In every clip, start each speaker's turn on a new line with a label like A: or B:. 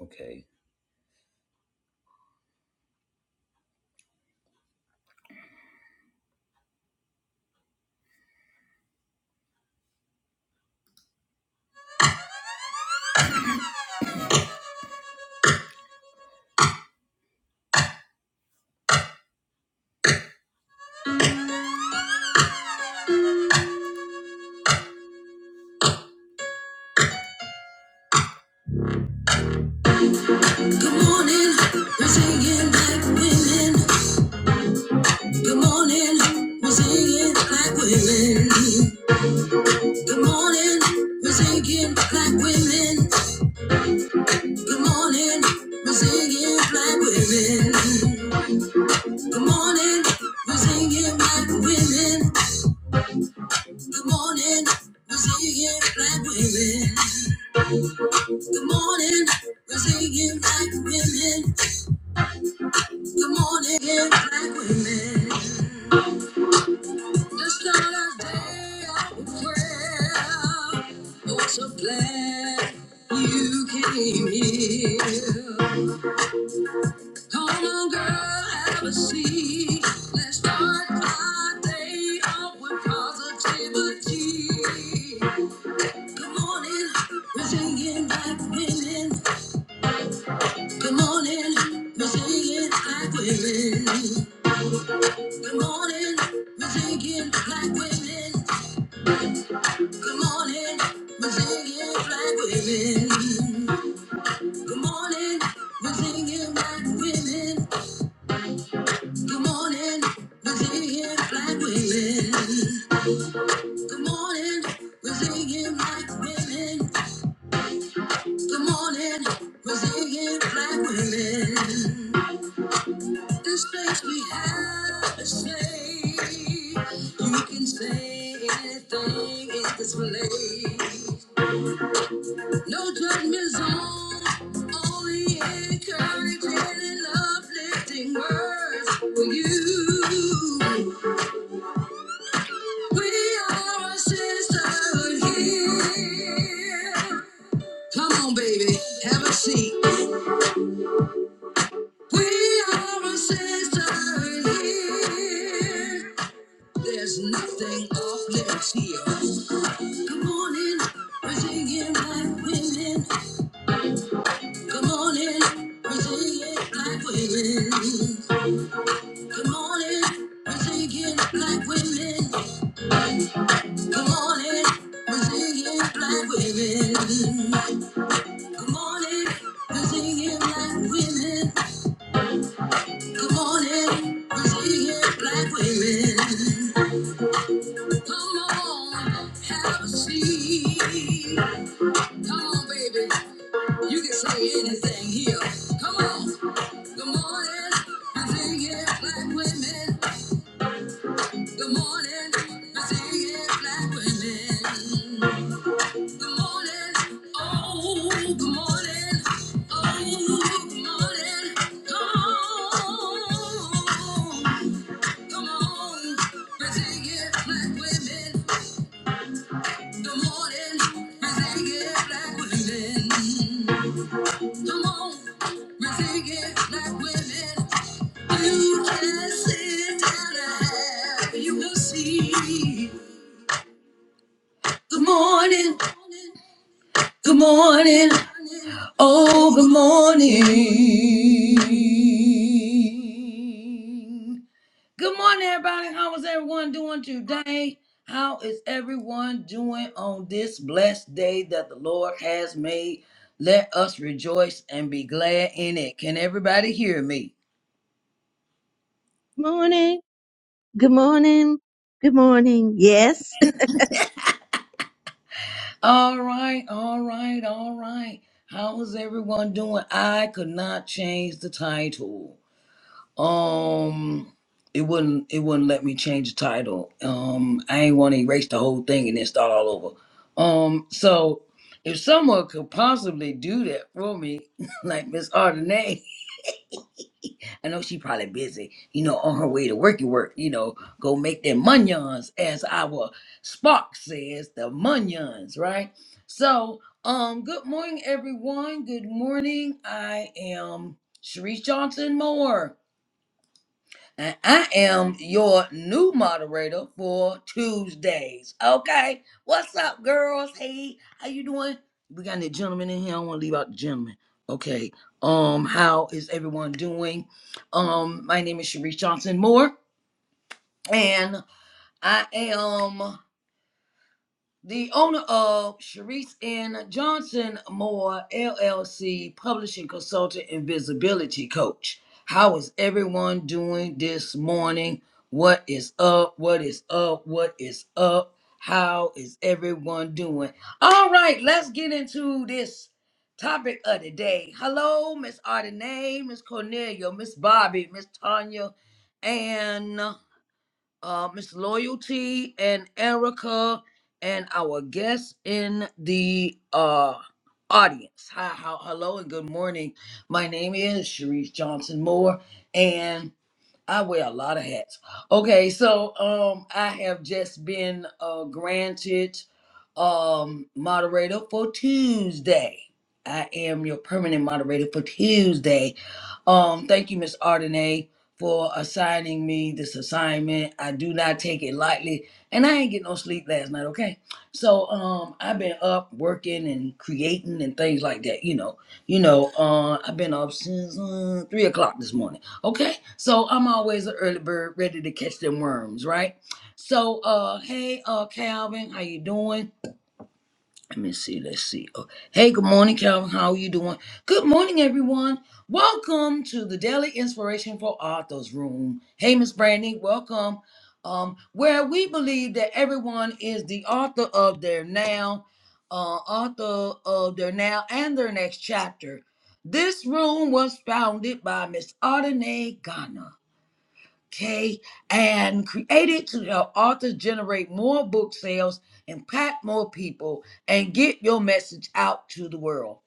A: Okay. Good morning, we're singing black women. Good morning, we're singing black women. Good morning, we're singing black women. Good morning, we're singing black women. Good morning, we're singing black women. Good morning, we're singing black women. Good morning, we're singing black women. Good morning, black women. It's not a day of prayer. It was a plan. You came here. Come on, girl, have a seat. Let's start our day off with positivity. Good morning, we're singing black women. Good morning, we're singing black women. Good morning, we're singing black women. Good morning, we're singing black women. Good morning, we're singing black women. Good morning, we're singing black women. Good morning, we're singing black women. Good morning, we're singing black women. This place we have a say. You can say anything in this place. No judgment zone, only encouraging and uplifting words for you. We are a sisterhood here. Come on, baby, have a seat. We are a sisterhood here. There's nothing off limits here. Come on in, we're singing black women. Come on in, we're singing black women. Come on in, we're singing black women. Come on in, we're singing black women. Come on in, we're singing black women. Come on in, we're singing black women. Come on, have a seat. Come on, baby, you can say anything here. Come on. Good morning, I see it, black women. Good morning, I see it, black women. Good morning. Oh, good morning. Oh, good morning. Come on. Come on. Resilient black women. Good morning. Resilient black women. Come on. Resilient black women. You can sit down and have you will see. Good morning. Good morning. Oh, good morning. Good morning, everybody. How is everyone doing today? How is everyone doing on this blessed day that the Lord has made? Let us rejoice and be glad in it. Can everybody hear me?
B: Morning. Good morning. Good morning. Yes.
A: All right, all right, all right. How is everyone doing? I could not change the title. Um, it wouldn't it wouldn't let me change the title. Um, I ain't want to erase the whole thing and then start all over. Um, so if someone could possibly do that for me, like Miss Ardenay, I know she probably busy, you know, on her way to worky work, you know, go make them munions, as our Spark says, the munions, right? So, um, good morning, everyone. Good morning. I am Sharice Johnson Moore. And I am your new moderator for Tuesdays. Okay. What's up, girls? Hey, how you doing? We got any gentlemen in here. I don't want to leave out the gentlemen. Okay. Um, how is everyone doing? Um, my name is Sharice Johnson Moore, and I am the owner of Sharice N. Johnson Moore LLC, publishing consultant and visibility coach. How is everyone doing this morning? What is up? What is up? What is up? How is everyone doing? All right, let's get into this topic of the day. Hello, Miss Ardenay, Miss Cornelia, Miss Bobby, Miss Tanya, and uh, Miss Loyalty and Erica and our guests in the uh, audience. Hi, how, hello and good morning. My name is Sharice Johnson Moore and I wear a lot of hats. Okay, so um, I have just been uh, granted um, moderator for Tuesday. I am your permanent moderator for Tuesday um, thank you, Miss Ardenay, for assigning me this assignment. I do not take it lightly, and I ain't get no sleep last night. Okay, so um, I've been up working and creating and things like that. You know, you know, uh, I've been up since uh, three o'clock this morning. Okay, so I'm always an early bird, ready to catch them worms, right? So, uh, hey, uh, Calvin, how you doing? Let me see. Let's see. Oh, hey, good morning, Calvin. How are you doing? Good morning, everyone. Welcome to the Daily Inspiration for Authors Room. Hey, Miss Brandy, welcome. Um, where we believe that everyone is the author of their now, uh, author of their now and their next chapter. This room was founded by Miss Ardenay Ghana. Okay, and created to help authors generate more book sales, impact more people, and get your message out to the world.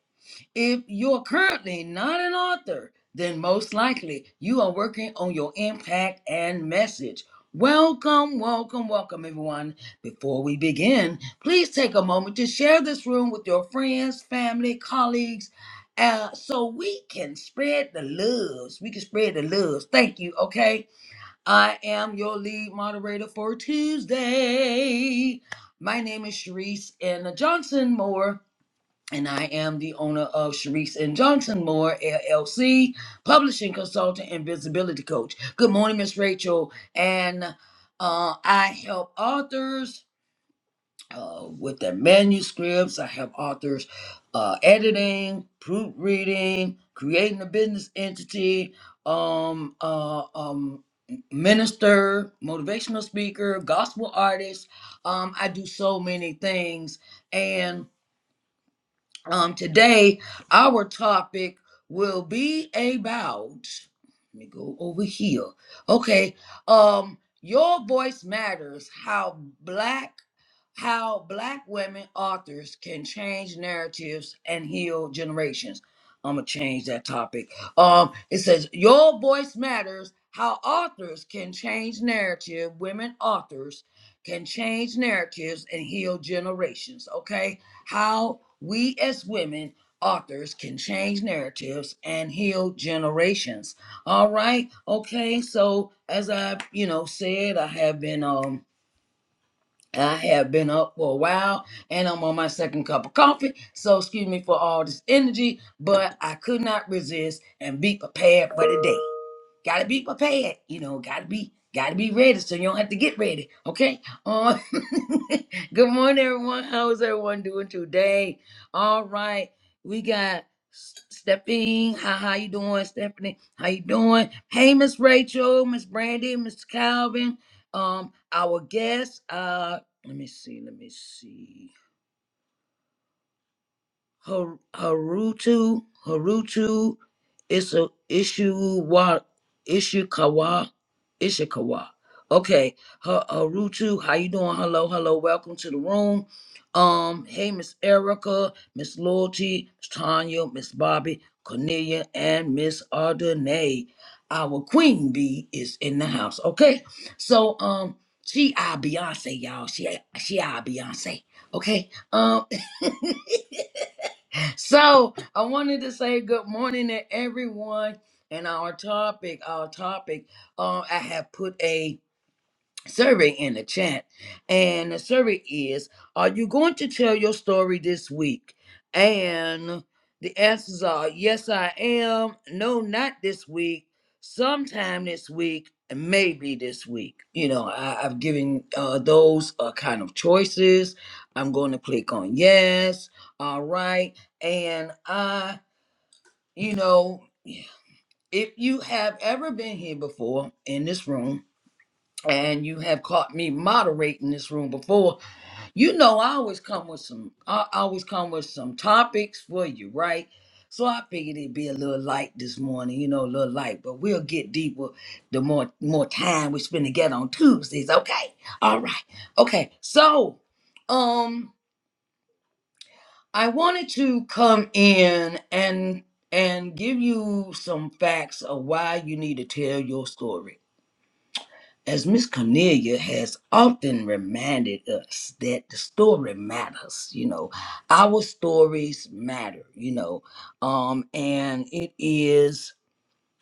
A: If you're currently not an author, then most likely you are working on your impact and message. Welcome, welcome, welcome, everyone. Before we begin, please take a moment to share this room with your friends, family, colleagues, uh, so we can spread the loves. We can spread the loves. Thank you, okay? I am your lead moderator for Tuesday. My name is Sharice and Johnson Moore, and I am the owner of Sharice and Johnson Moore LLC, publishing consultant and visibility coach. Good morning, Miss Rachel, and uh, I help authors uh, with their manuscripts. I have authors uh, editing, proofreading, creating a business entity, um, uh, um, minister, motivational speaker, gospel artist. Um, I do so many things, and. Um, today, our topic will be about. Let me go over here. Okay. Um, your voice matters. How black, how black women authors can change narratives and heal generations. I'm gonna change that topic. Um, it says your voice matters. How authors can change narrative. Women authors can change narratives and heal generations. Okay how we as women authors can change narratives and heal generations. All right. Okay. So as I, you know, said, I have been um I have been up for a while and I'm on my second cup of coffee. So excuse me for all this energy, but I could not resist and be prepared for the day. Gotta be prepared, you know, gotta be gotta be ready so you don't have to get ready. Okay. Uh, good morning everyone. How's everyone doing today? All right. We got Stephanie. How how you doing, Stephanie? How you doing? Hey, Miss Rachel, Miss Brandy, Miss Calvin. Um, our guest. Uh let me see, let me see. Har- Harutu Harutu Isu Ishiwa Ishikawa Ishikawa. Okay, Ha- Harutu, how you doing? Hello, hello, welcome to the room. Um, hey, Miss Erica, Miss Loyalty, Miss Tanya, Miss Bobby, Cornelia, and Miss Ardenay. Our queen bee is in the house. Okay, so um, she our Beyonce, y'all. She she our Beyonce. Okay, um. so I wanted to say good morning to everyone. And our topic, our topic, uh, I have put a survey in the chat. And the survey is Are you going to tell your story this week? And the answers are Yes, I am. No, not this week. Sometime this week. and Maybe this week. You know, I, I've given uh, those uh, kind of choices. I'm going to click on yes. All right. And I, you know, if you have ever been here before in this room, and you have caught me moderating this room before. You know, I always come with some, I I always come with some topics for you, right? So I figured it'd be a little light this morning, you know, a little light, but we'll get deeper the more more time we spend together on Tuesdays. Okay, all right, okay. So, um, I wanted to come in and and give you some facts of why you need to tell your story As Miss Cornelia has often reminded us that the story matters, you know, our stories matter, you know, um, and it is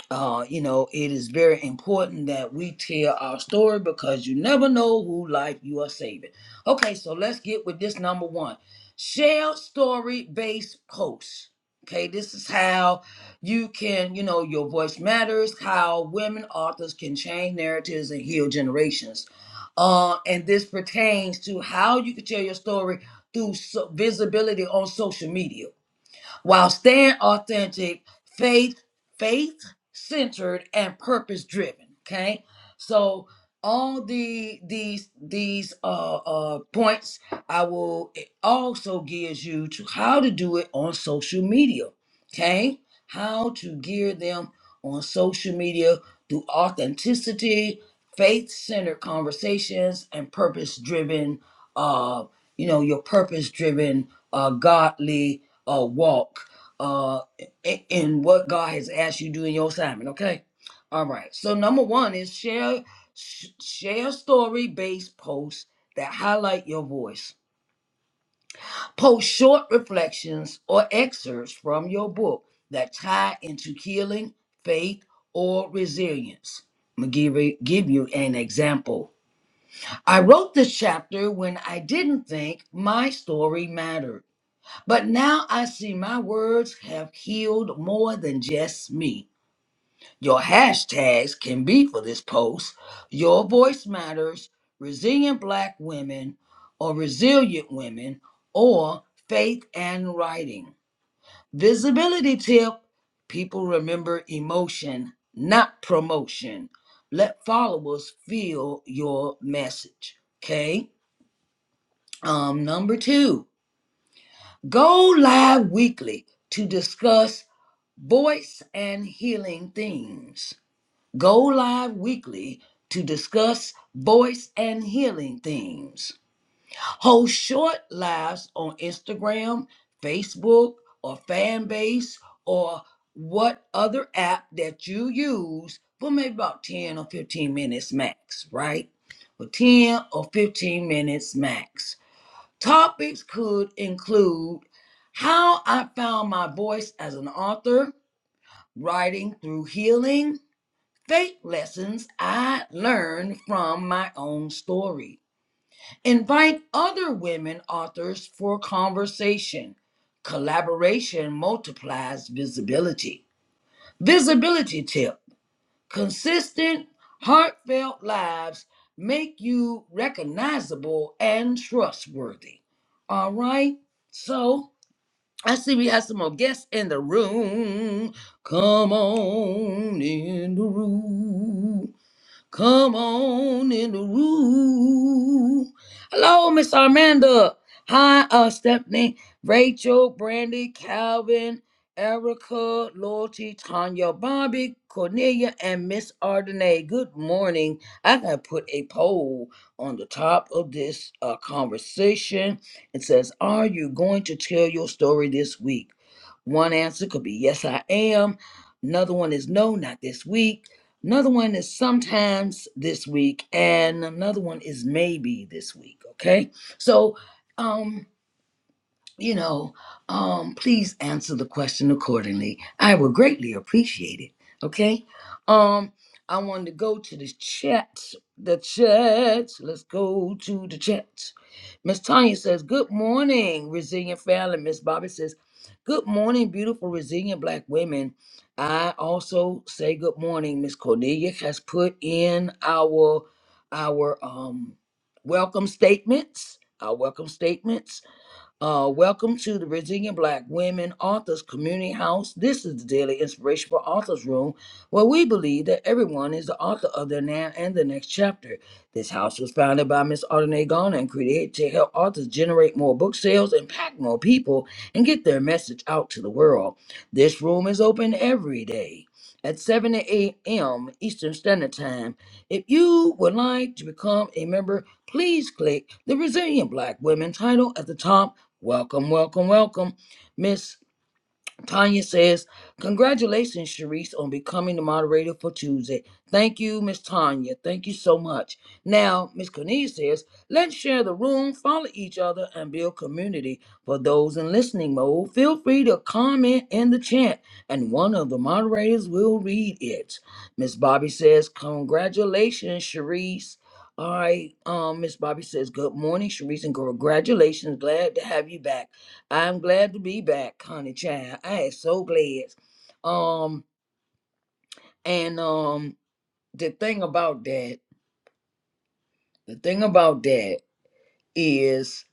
A: uh, you know, it is very important that we tell our story because you never know who life you are saving. Okay, so let's get with this number one. Share story based posts. Okay, this is how you can, you know, your voice matters, how women authors can change narratives and heal generations. Uh, and this pertains to how you can tell your story through so- visibility on social media while staying authentic, faith, faith centered, and purpose driven. Okay, so all the these these uh, uh points I will it also gives you to how to do it on social media. Okay, how to gear them on social media through authenticity, faith centered conversations, and purpose driven. Uh, you know your purpose driven, uh, godly uh, walk uh, i- in what God has asked you to do in your assignment. Okay. All right. So number one is share sh- share story based posts that highlight your voice. Post short reflections or excerpts from your book that tie into healing, faith, or resilience. I'm gonna give give you an example. I wrote this chapter when I didn't think my story mattered. But now I see my words have healed more than just me. Your hashtags can be for this post. Your voice matters, resilient black women, or resilient women, or faith and writing. Visibility tip people remember emotion, not promotion. Let followers feel your message. Okay. Um, number two, go live weekly to discuss Voice and Healing Themes. Go live weekly to discuss voice and healing themes. Host short lives on Instagram, Facebook, or fan base, or what other app that you use for maybe about 10 or 15 minutes max, right? For 10 or 15 minutes max. Topics could include how I found my voice as an author writing through healing, faith lessons I learned from my own story. Invite other women authors for conversation. Collaboration multiplies visibility. Visibility tip consistent, heartfelt lives make you recognizable and trustworthy. All right, so. I see we have some more guests in the room. Come on in the room. Come on in the room. Hello, Miss Armanda. Hi, uh, Stephanie, Rachel, Brandy, Calvin, Erica, Loyalty, Tanya, Bobby, Cornelia, and Miss Ardenay. Good morning. I gotta put a poll on the top of this uh, conversation. It says, "Are you going to tell your story this week?" One answer could be yes, I am. Another one is no, not this week. Another one is sometimes this week, and another one is maybe this week. Okay, so um, you know, um, please answer the question accordingly. I would greatly appreciate it. Okay. Um, I wanted to go to the chat. The chat. Let's go to the chat. Miss Tanya says, Good morning, resilient family. Miss Bobby says, Good morning, beautiful, resilient black women. I also say good morning. Miss Cornelia has put in our our um welcome statements. Our welcome statements. Uh, welcome to the Virginia Black Women Authors Community House. This is the daily inspiration for Authors Room, where we believe that everyone is the author of their now and the next chapter. This house was founded by Miss Audrey Garner and created to help authors generate more book sales, impact more people, and get their message out to the world. This room is open every day at 7 a.m. Eastern Standard Time. If you would like to become a member, please click the Resilient Black Women title at the top Welcome, welcome, welcome. Miss Tanya says, Congratulations, Sharice, on becoming the moderator for Tuesday. Thank you, Miss Tanya. Thank you so much. Now, Miss Cornelia says, Let's share the room, follow each other, and build community. For those in listening mode, feel free to comment in the chat, and one of the moderators will read it. Miss Bobby says, Congratulations, Sharice. All right, um, Miss Bobby says, Good morning, Sharice, and congratulations. Glad to have you back. I'm glad to be back, honey child. I am so glad. Um, and um, the thing about that, the thing about that is,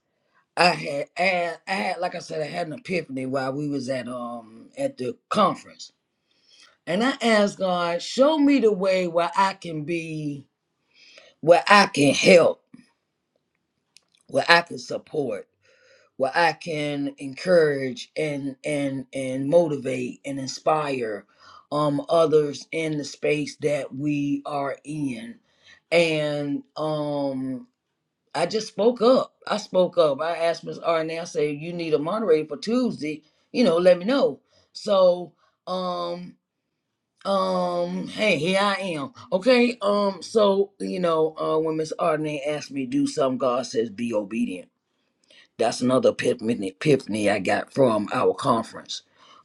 A: I had, I had, I had, like I said, I had an epiphany while we was at um at the conference, and I asked God, show me the way where I can be, where I can help, where I can support. where I can encourage and and and motivate and inspire um others in the space that we are in. And um I just spoke up. I spoke up. I asked Miss Arnett, I said, you need a moderator for Tuesday, you know, let me know. So um um hey here I am. Okay. Um so you know uh when Miss Arnett asked me to do something, God says be obedient. That's another epiphany, epiphany I got from our conference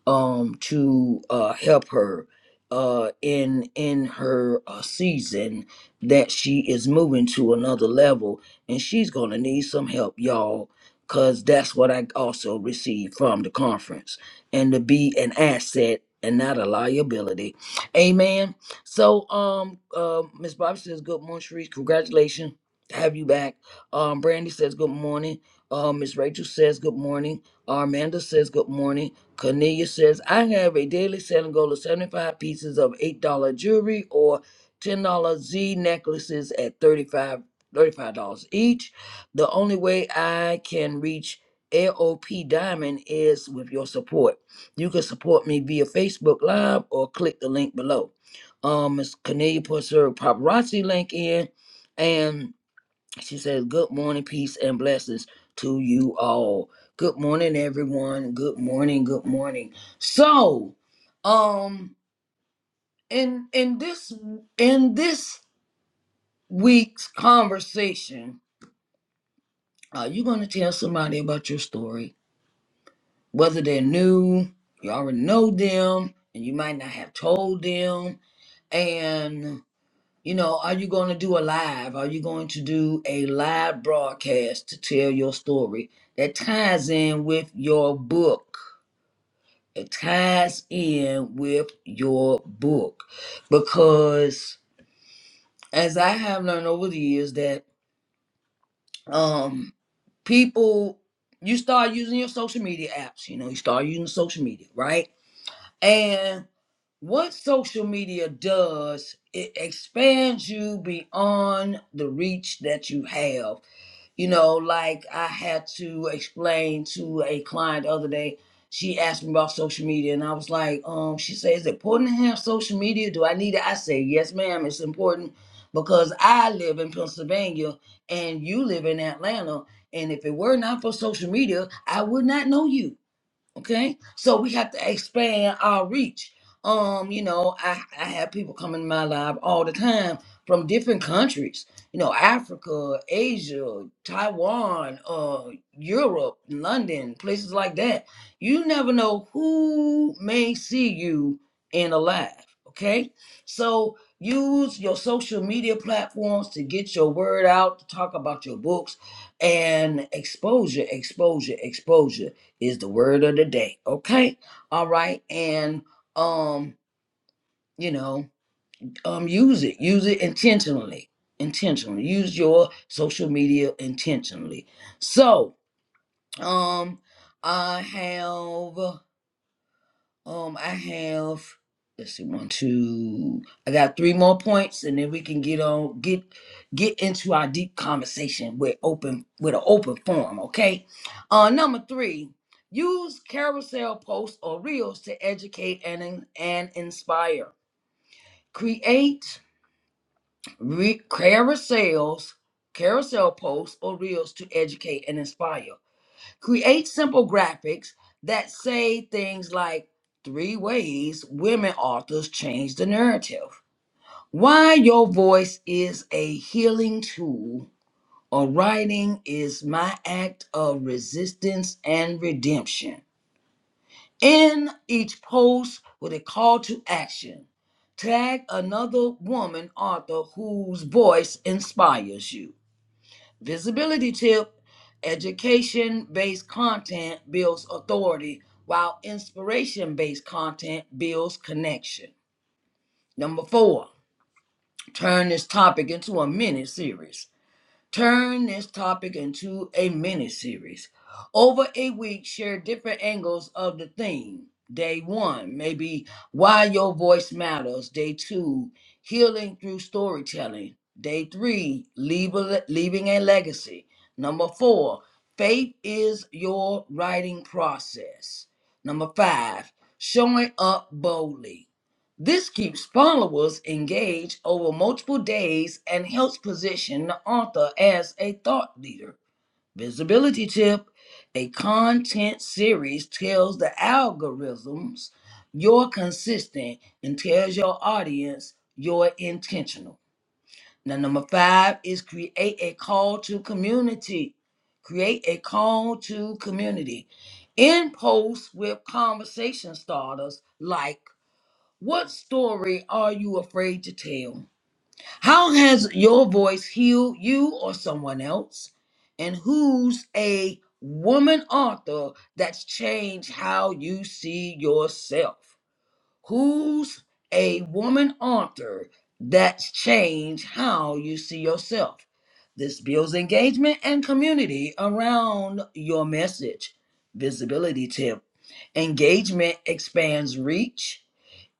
A: um, to uh, help her uh, in in her uh, season that she is moving to another level, and she's gonna need some help, y'all. Cause that's what I also received from the conference, and to be an asset and not a liability, amen. So, um, uh, Miss Bobby says, "Good morning, Sharice. Congratulations, have you back." Um, Brandy says, "Good morning." Uh, Miss Rachel says good morning. Armanda says good morning. Cornelia says, I have a daily selling goal of 75 pieces of $8 jewelry or $10 Z necklaces at 35 $35 each. The only way I can reach LOP Diamond is with your support. You can support me via Facebook Live or click the link below. Um, Miss Cornelia puts her paparazzi link in and she says, Good morning, peace, and blessings to you all. Good morning, everyone. Good morning, good morning. So, um, in in this in this week's conversation, uh, you're gonna tell somebody about your story, whether they're new, you already know them, and you might not have told them. and." You know, are you going to do a live? Are you going to do a live broadcast to tell your story that ties in with your book? It ties in with your book because, as I have learned over the years, that um, people you start using your social media apps. You know, you start using social media, right? And what social media does, it expands you beyond the reach that you have You know, like I had to explain to a client the other day. She asked me about social media, and I was like, um, she said, "Is it important to have social media? Do I need it?" I say, "Yes, ma'am. It's important because I live in Pennsylvania and you live in Atlanta, and if it were not for social media, I would not know you." Okay, so we have to expand our reach. Um, you know, I, I have people come in my live all the time from different countries, you know, Africa, Asia, Taiwan, uh, Europe, London, places like that. You never know who may see you in a live. Okay, so use your social media platforms to get your word out, to talk about your books, and exposure, exposure, exposure is the word of the day. Okay. All right. And um, you know, um use it. Use it intentionally. Intentionally. Use your social media intentionally. So, um I have Um, I have let's see, one, two. I got three more points, and then we can get on get get into our deep conversation with open with an open forum. Okay. Uh, number three. Use carousel posts or reels to educate and in- and inspire. Create re- carousels, carousel posts or reels to educate and inspire create simple graphics that say things like three ways women authors change the narrative why your voice is a healing tool or writing is my act of resistance and redemption in each post with a call to action tag another woman author whose voice inspires you Visibility tip education based content builds authority, while inspiration based content builds connection. Number four, turn this topic into a mini series. Turn this topic into a mini series. Over a week, share different angles of the theme. Day one, maybe why your voice matters. Day two, healing through storytelling. Day three, leave a le- leaving a legacy. Number four, faith is your writing process. Number five, showing up boldly. This keeps followers engaged over multiple days and helps position the author as a thought leader. Visibility tip a content series tells the algorithms you're consistent and tells your audience you're intentional. Now, number five is create a call to community. Create a call to community. In posts with conversation starters like what story are you afraid to tell? How has your voice healed you or someone else? And who's a woman author that's changed how you see yourself? Who's a woman author that's changed how you see yourself? This builds engagement and community around your message. Visibility tip engagement expands reach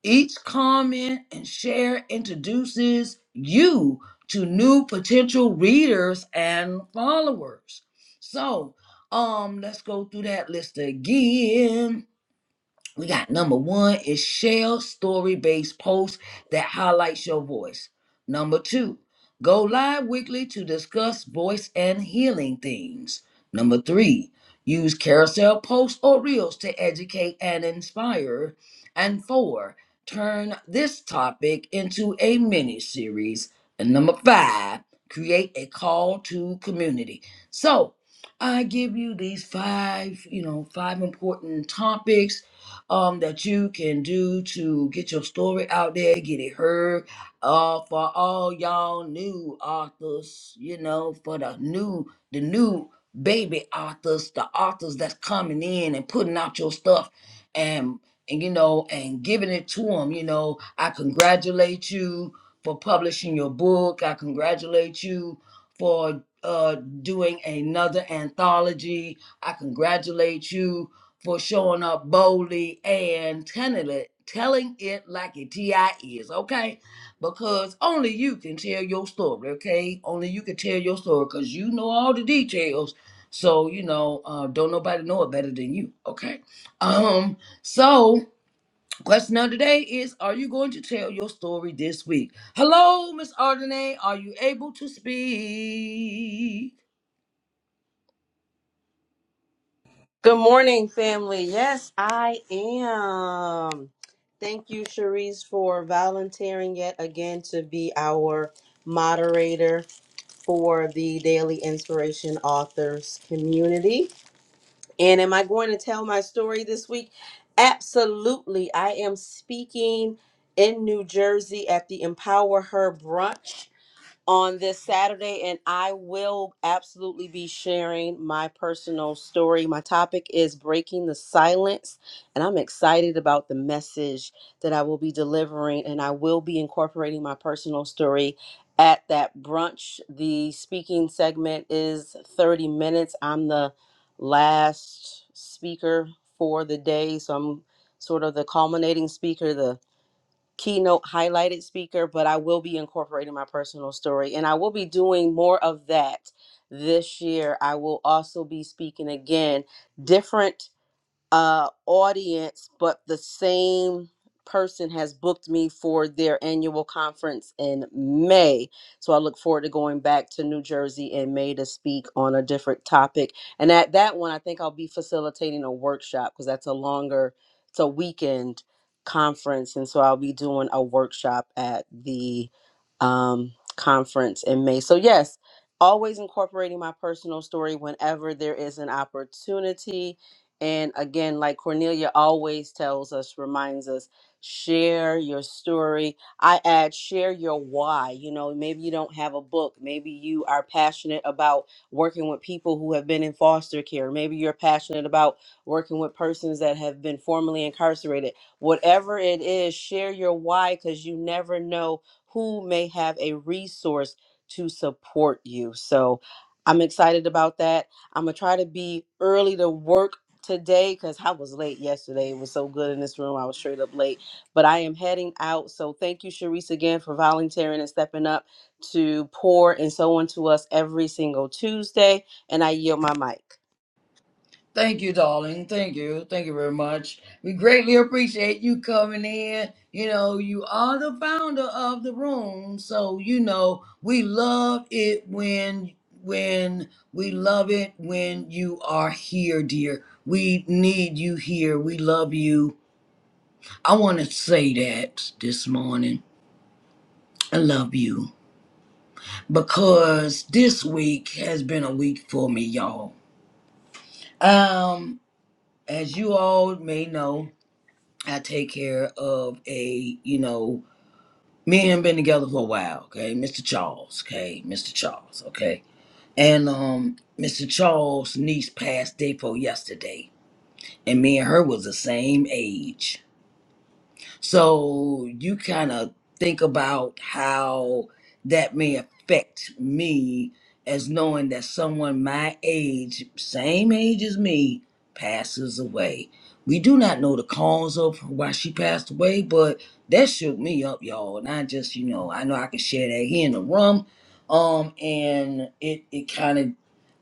A: each comment and share introduces you to new potential readers and followers. So, um, let's go through that list again. We got number one is share story based posts that highlights your voice. Number two, go live weekly to discuss voice and healing themes. Number three, use carousel posts or reels to educate and inspire. And four, turn this topic into a mini series. And number five, create a call to community. So I give you these five, you know, five important topics um, that you can do to get your story out there, get it heard. Uh, for all y'all new authors, you know, for the new, the new baby authors, the authors that's coming in and putting out your stuff, and and you know, and giving it to them. You know, I congratulate you for publishing your book. I congratulate you for uh doing another anthology. I congratulate you for showing up boldly and telling it, telling it like it TI is, okay? Because only you can tell your story, okay? Only you can tell your story because you know all the details. So, you know, uh, don't nobody know it better than you, okay? Um, so question of the day is are you going to tell your story this week? Hello, Miss Ardenay, are you able to speak?
C: Good morning, family. Yes, I am. Thank you, Cherise, for volunteering yet again to be our moderator for the Daily Inspiration Authors community. And am I going to tell my story this week? Absolutely. I am speaking in New Jersey at the Empower Her brunch on this Saturday, and I will absolutely be sharing my personal story. My topic is breaking the silence, and I'm excited about the message that I will be delivering, and I will be incorporating my personal story at that brunch. The speaking segment is 30 minutes. I'm the last speaker for the day, so I'm sort of the culminating speaker, The keynote highlighted speaker, but I will be incorporating my personal story and I will be doing more of that this year. I will also be speaking again different uh, audience, but the same person has booked me for their annual conference in May. So I look forward to going back to New Jersey in May to speak on a different topic. And at that one, I think I'll be facilitating a workshop because that's a longer, it's a weekend conference. And so I'll be doing a workshop at the um, conference in May. So, yes, always incorporating my personal story whenever there is an opportunity and again, like Cornelia always tells us, reminds us, share your story. I add, share your why. You know, maybe you don't have a book. Maybe you are passionate about working with people who have been in foster care. Maybe you're passionate about working with persons that have been formerly incarcerated. Whatever it is, share your why because you never know who may have a resource to support you. So I'm excited about that. I'm gonna try to be early to work today because I was late yesterday. It was so good in this room. I was straight up late, but I am heading out. So thank you, Sharice, again for volunteering and stepping up to pour and so on to us every single Tuesday. And I yield my mic.
A: Thank you, darling. Thank you. Thank you very much. We greatly appreciate you coming in. You know, you are the founder of the room, so you know we love it when when we love it when you are here, dear. We need you here. We love you. I want to say that this morning. I love you because this week has been a week for me, y'all. Um, as you all may know, I take care of a, you know, me and him been together for a while, okay? Mr. Charles, okay? Mr. Charles, okay? And um Mr. Charles' niece passed day for yesterday. And me and her was the same age. So you kind of think about how that may affect me as knowing that someone my age, same age as me, passes away. We do not know the cause of why she passed away, but that shook me up, y'all. And I just, you know, I know I can share that here in the room. Um, and it it kind of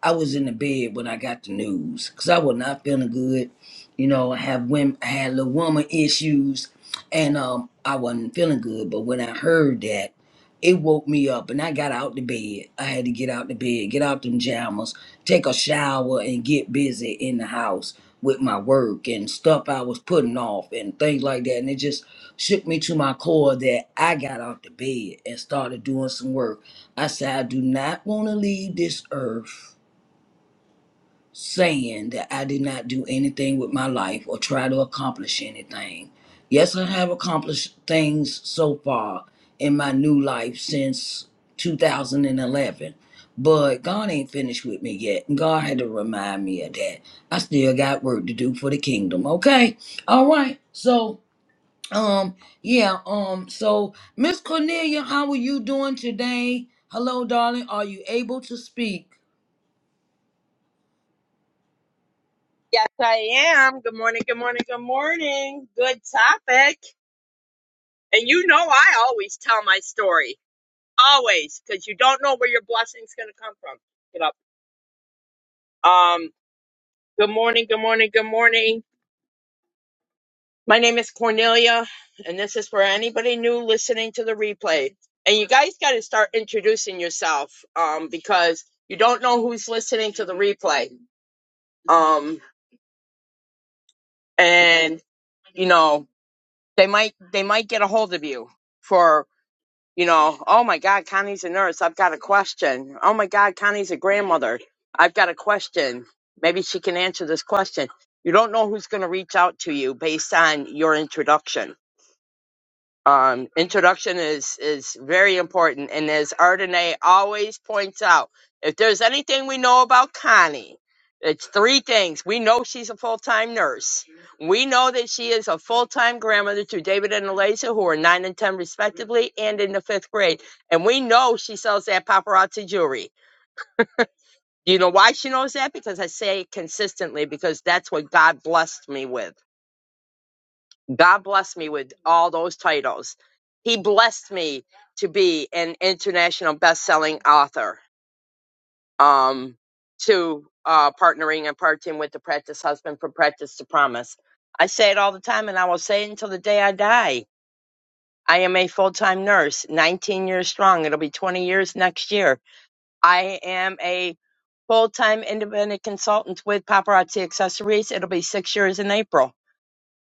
A: I was in the bed when I got the news because I was not feeling good. You know, I have women, I had little woman issues, and um, I wasn't feeling good. But when I heard that, it woke me up, and I got out the bed. I had to get out the bed, get out them jammers, take a shower, and get busy in the house with my work and stuff I was putting off and things like that. And it just shook me to my core that I got out the bed and started doing some work. I said, I do not want to leave this earth saying that I did not do anything with my life or try to accomplish anything. Yes, I have accomplished things so far in my new life since 2011, but God ain't finished with me yet. And God had to remind me of that. I still got work to do for the kingdom. Okay. All right. So, um, yeah, um, so Miss Cornelia, how are you doing today? Hello, darling. Are you able to speak?
D: Yes, I am. Good morning, good morning, good morning. Good topic. And you know, I always tell my story. Always, because you don't know where your blessing's going to come from. Get up. Um, good morning, good morning, good morning. My name is Cornelia, and this is for anybody new listening to the replay. And you guys got to start introducing yourself um, because you don't know who's listening to the replay. Um, and, you know, they might they might get a hold of you for you know, oh my God, Connie's a nurse. I've got a question. Oh my God, Connie's a grandmother. I've got a question. Maybe she can answer this question. You don't know who's going to reach out to you based on your introduction um, introduction is is very important. And as Ardenae always points out, if there's anything we know about Connie, it's three things. We know she's a full time nurse. We know that she is a full time grandmother to David and Eliza, who are nine and ten respectively, and in the fifth grade. And we know she sells that paparazzi jewelry. You know why she knows that? Because I say it consistently, because that's what God blessed me with. God blessed me with all those titles. He blessed me to be an international best-selling author. Um, to uh, partnering and partnering with the Practice Husband from Practice to Promise. I say it all the time, and I will say it until the day I die. I am a full-time nurse, 19 years strong. It'll be 20 years next year. I am a full-time independent consultant with Paparazzi Accessories. It'll be six years in April.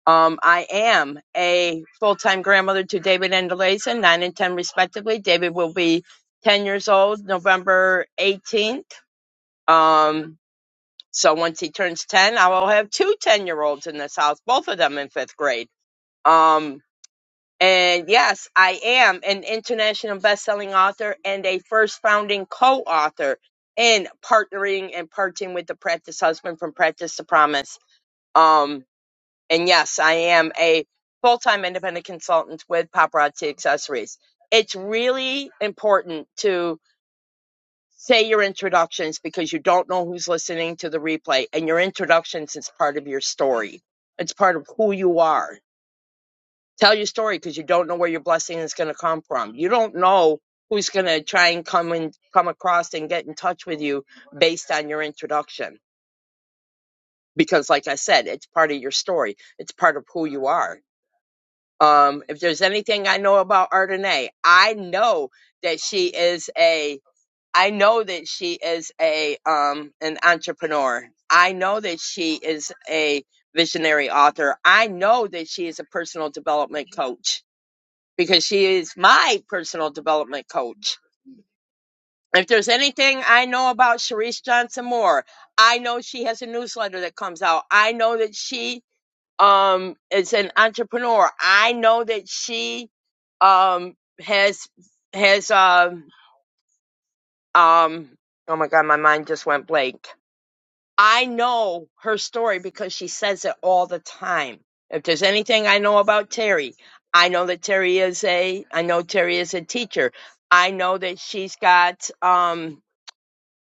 D: Um, I am a full-time grandmother to David and Eliza, nine and ten respectively. David will be ten years old November eighteenth. Um, so once he turns ten, I will have 210 10-year-olds in this house, both of them in fifth grade. Um, and yes, I am an international best-selling author and a first founding co-author in partnering and parting with the practice husband from practice to promise. Um, and yes, I am a full time independent consultant with Paparazzi Accessories. It's really important to say your introductions because you don't know who's listening to the replay, and your introductions is part of your story. It's part of who you are. Tell your story because you don't know where your blessing is going to come from. You don't know who's going to try and come and come across and get in touch with you based on your introduction because like I said, it's part of your story. It's part of who you are Um, if there's anything I know about Ardenae, I know that she is a I know that she is a um an entrepreneur. I know that she is a visionary author. I know that she is a personal development coach because she is my personal development coach. If there's anything I know about Sharice Johnson Moore, I know she has a newsletter that comes out. I know that she um is an entrepreneur. I know that she um has has um um oh my god, my mind just went blank. I know her story because she says it all the time. If there's anything I know about Terry, I know that Terry is a I know Terry is a teacher. I know that she's got um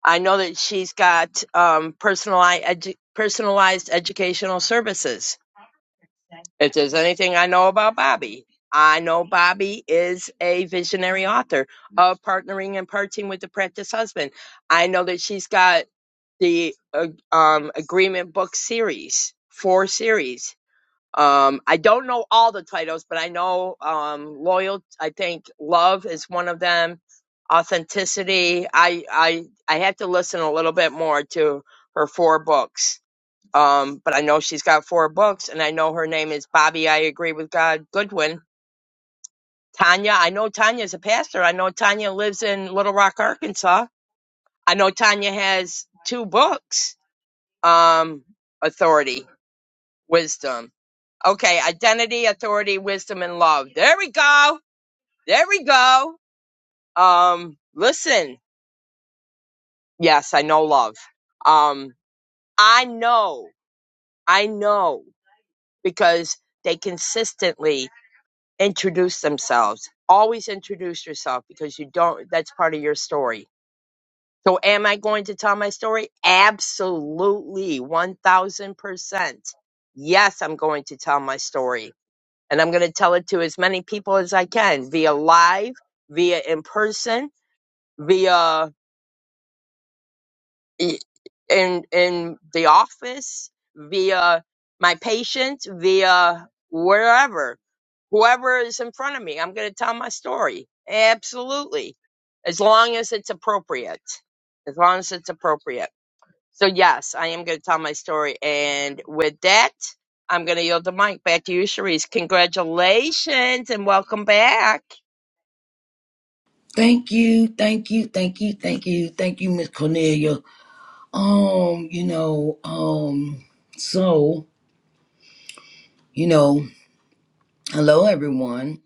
D: I know that she's got um personalized edu- personalized educational services If there's anything I know about Bobby, I know Bobby is a visionary author of partnering and parting with the practice husband. I know that she's got the uh, um, agreement book series, four series. Um, I don't know all the titles, but I know um, loyal. I think love is one of them. Authenticity. I I I have to listen a little bit more to her four books um, but I know she's got four books, and I know her name is Bobby. I agree with God Goodwin. Tanya, I know Tanya's a pastor. I know Tanya lives in Little Rock, Arkansas. I know Tanya has two books. Um, authority, wisdom. Okay, identity, authority, wisdom, and love. There we go. There we go. Um, listen. Yes, I know love. Um, I know. I know because they consistently introduce themselves. Always introduce yourself because you don't, that's part of your story. So, am I going to tell my story? Absolutely, 1000%. Yes, I'm going to tell my story. And I'm going to tell it to as many people as I can via live, via in person, via i- in, in the office, via my patients, via wherever whoever is in front of me. I'm going to tell my story. Absolutely. As long as it's appropriate. As long as it's appropriate. So, yes, I am going to tell my story. And with that, I'm going to yield the mic back to you, Cherise. Congratulations and welcome back.
A: Thank you, thank you, thank you, thank you, thank you, Miss Cornelia. Um, you know, um, so, you know, hello everyone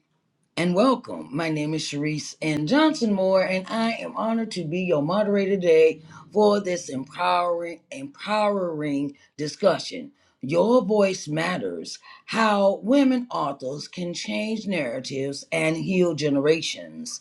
A: and welcome. My name is Sharice and Johnson Moore, and I am honored to be your moderator today for this empowering, empowering discussion. Your voice matters. How women authors can change narratives and heal generations.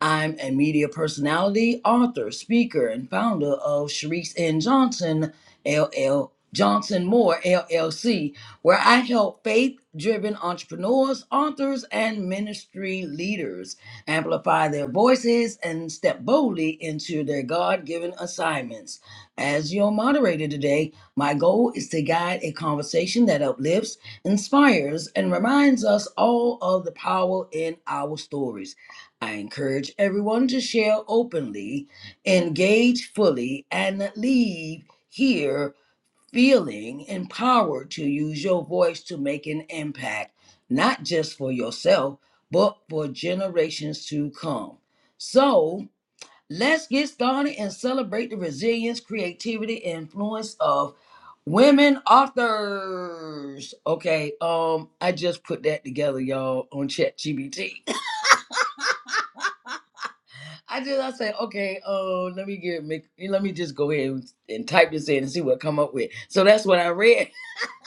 A: I'm a media personality, author, speaker, and founder of Sharice N. Johnson, LL Johnson Moore, LLC, where I help faith driven entrepreneurs, authors, and ministry leaders amplify their voices and step boldly into their God given assignments. As your moderator today, my goal is to guide a conversation that uplifts, inspires, and reminds us all of the power in our stories. I encourage everyone to share openly, engage fully, and leave here feeling empowered to use your voice to make an impact, not just for yourself, but for generations to come. So, let's get started and celebrate the resilience, creativity, and influence of women authors. Okay, um, I just put that together, y'all, on ChatGPT. I just I say, okay, oh, let me get make eh, let me just go ahead and, and type this in and see what I come up with. So that's what I read,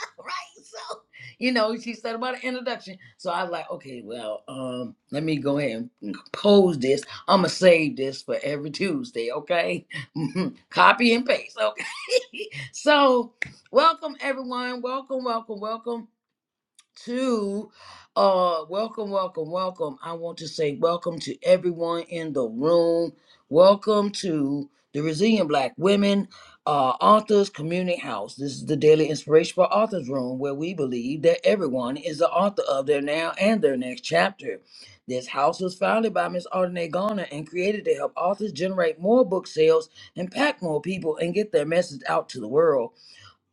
A: right? So you know, she said about an introduction. So I was like, okay, well, um, let me go ahead and compose this. I'ma save this for every Tuesday, okay? Copy and paste, okay? so welcome everyone, welcome, welcome, welcome to uh welcome welcome welcome i want to say welcome to everyone in the room welcome to the resilient black women uh authors community house this is the daily inspiration for authors room where we believe that everyone is the author of their now and their next chapter this house was founded by Miss Ardenae Garner and created to help authors generate more book sales, impact more people, and get their message out to the world.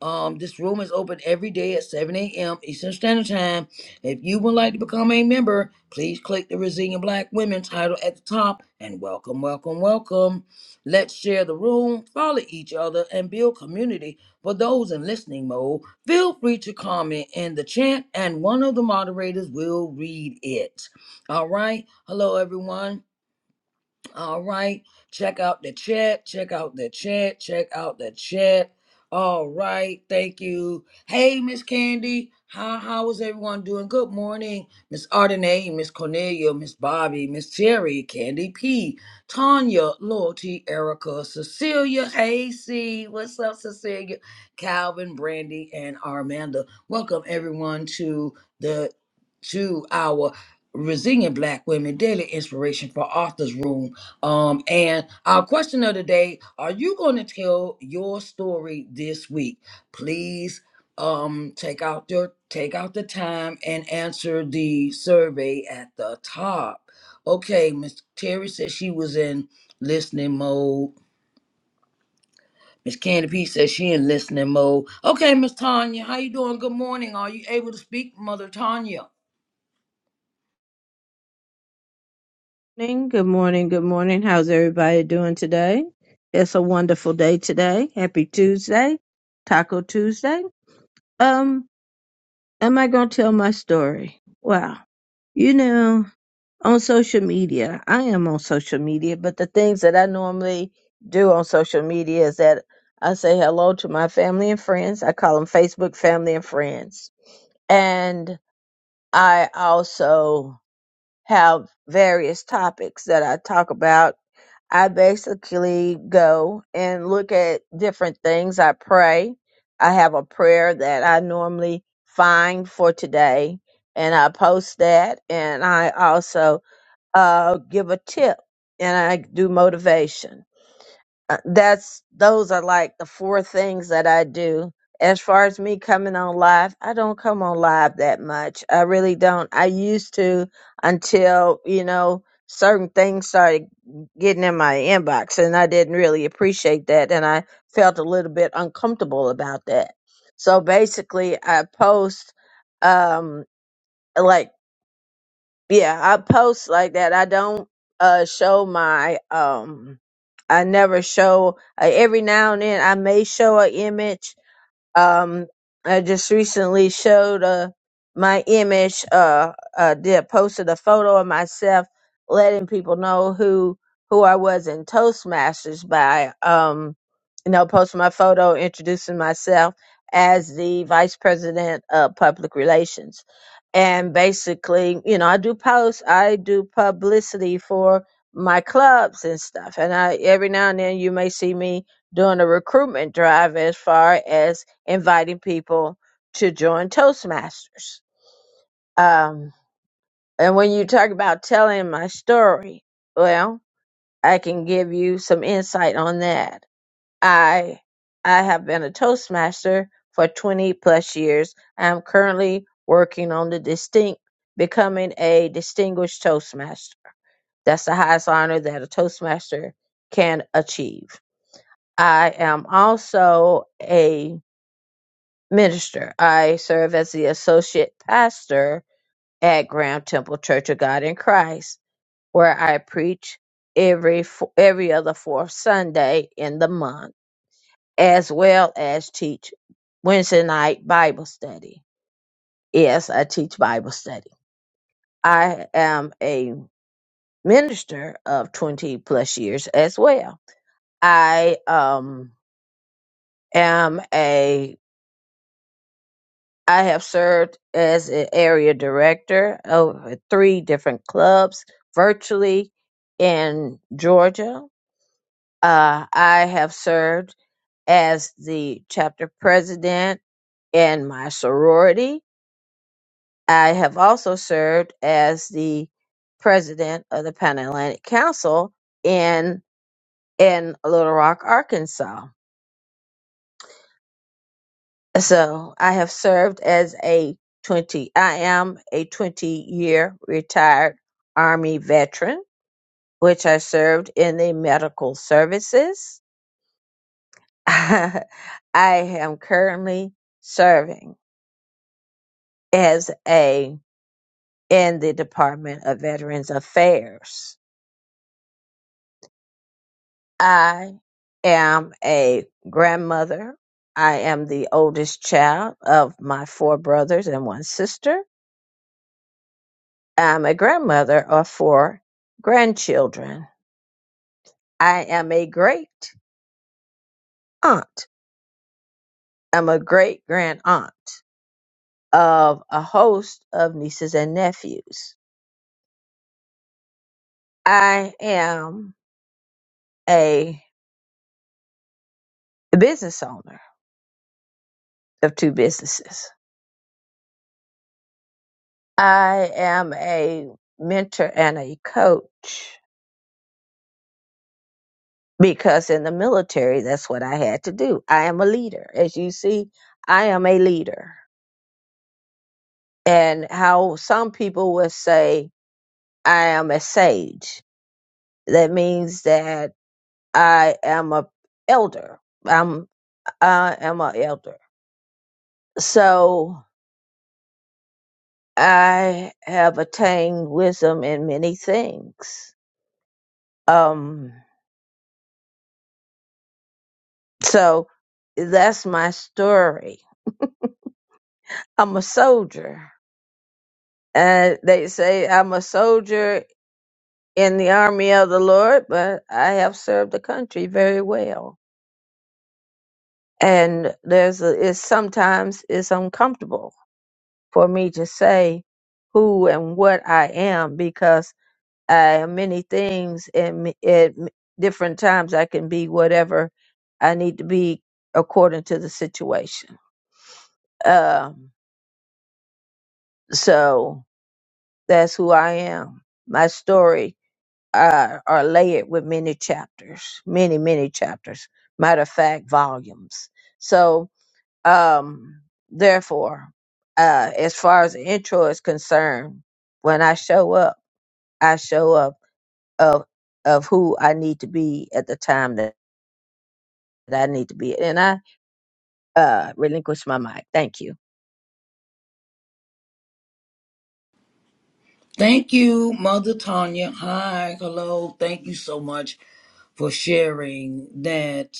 A: Um, this room is open every day at 7 a.m. Eastern Standard Time. If you would like to become a member, please click the Resilient Black Women title at the top and welcome, welcome, welcome. Let's share the room, follow each other, and build community. For those in listening mode, feel free to comment in the chat and one of the moderators will read it. All right. Hello, everyone. All right. Check out the chat. Check out the chat. Check out the chat. All right. Thank you. Hey, Miss Candy. How how is everyone doing? Good morning, Miss Ardenay, Miss Cornelia, Miss Bobby, Miss Terry, Candy P, Tanya, Loyalty, Erica, Cecilia. Hey, C. What's up, Cecilia? Calvin, Brandy, and Armanda. Welcome everyone to the to our Resilient Black Women Daily Inspiration for Authors Room um, and our question of the day, are you going to tell your story this week? Please um take out your take out the time and answer the survey at the top. Okay, Miss Terry said she was in listening mode. Miss Candy P says she in listening mode. Okay, Miss Tanya, how you doing? Good morning. Are you able to speak, Mother Tanya?
B: Morning. Good morning. Good morning. How's everybody doing today? It's a wonderful day today. Happy Tuesday. Taco Tuesday. Um, am I going to tell my story? Wow. You know, on social media, I am on social media, but the things that I normally do on social media is that I say hello to my family and friends. I call them Facebook family and friends. And I also have various topics that I talk about. I basically go and look at different things. I pray. I have a prayer that I normally find for today, and I post that. And I also uh, give a tip and I do motivation. Uh, That's those are like the four things that I do. As far as me coming on live, I don't come on live that much. I really don't. I used to until, you know, certain things started getting in my inbox and I didn't really appreciate that and I felt a little bit uncomfortable about that. So basically, I post um like yeah, I post like that. I don't uh show my um I never show uh, every now and then I may show a image um I just recently showed uh my image uh uh did posted a photo of myself letting people know who who I was in Toastmasters by um you know posting my photo introducing myself as the vice president of public relations and basically you know I do posts I do publicity for my clubs and stuff and I every now and then you may see me doing a recruitment drive as far as inviting people to join Toastmasters. Um, and when you talk about telling my story, well, I can give you some insight on that. I I have been a Toastmaster for 20 plus years. I'm currently working on the distinct becoming a distinguished Toastmaster. That's the highest honor that a Toastmaster can achieve. I am also a minister. I serve as the associate pastor at Graham Temple Church of God in Christ, where I preach every fo- every other fourth Sunday in the month, as well as teach Wednesday night Bible study. Yes, I teach Bible study. I am a minister of 20 plus years as well. I um am I have served as an area director of three different clubs virtually in Georgia. Uh, I have served as the chapter president in my sorority. I have also served as the president of the Pan Atlantic Council in in Little Rock, Arkansas. So I have served as a 20, I am a 20 year retired Army veteran, which I served in the medical services. I am currently serving as a in the Department of Veterans Affairs. I am a grandmother. I am the oldest child of my four brothers and one sister. I'm a grandmother of four grandchildren. I am a great aunt. I'm a great grand aunt of a host of nieces and nephews. I am a business owner of two businesses. I am a mentor and a coach because in the military, that's what I had to do. I am a leader. As you see, I am a leader. And how some people would say, I am a sage. That means that I am a elder. I'm I am a elder. So I have attained wisdom in many things. Um so that's my story. I'm a soldier. And they say I'm a soldier in the army of the Lord, but I have served the country very well. And there's a, it's sometimes it's uncomfortable for me to say who and what I am because I am many things and m- at m- different times I can be whatever I need to be according to the situation. Um, so that's who I am. My story uh, are layered with many chapters, many, many chapters. Matter of fact, volumes. So, um, therefore, uh, as far as the intro is concerned, when I show up, I show up of of who I need to be at the time that, that I need to be. And I uh relinquish my mic. Thank you.
A: Thank you, Mother Tanya. Hi, hello. Thank you so much for sharing that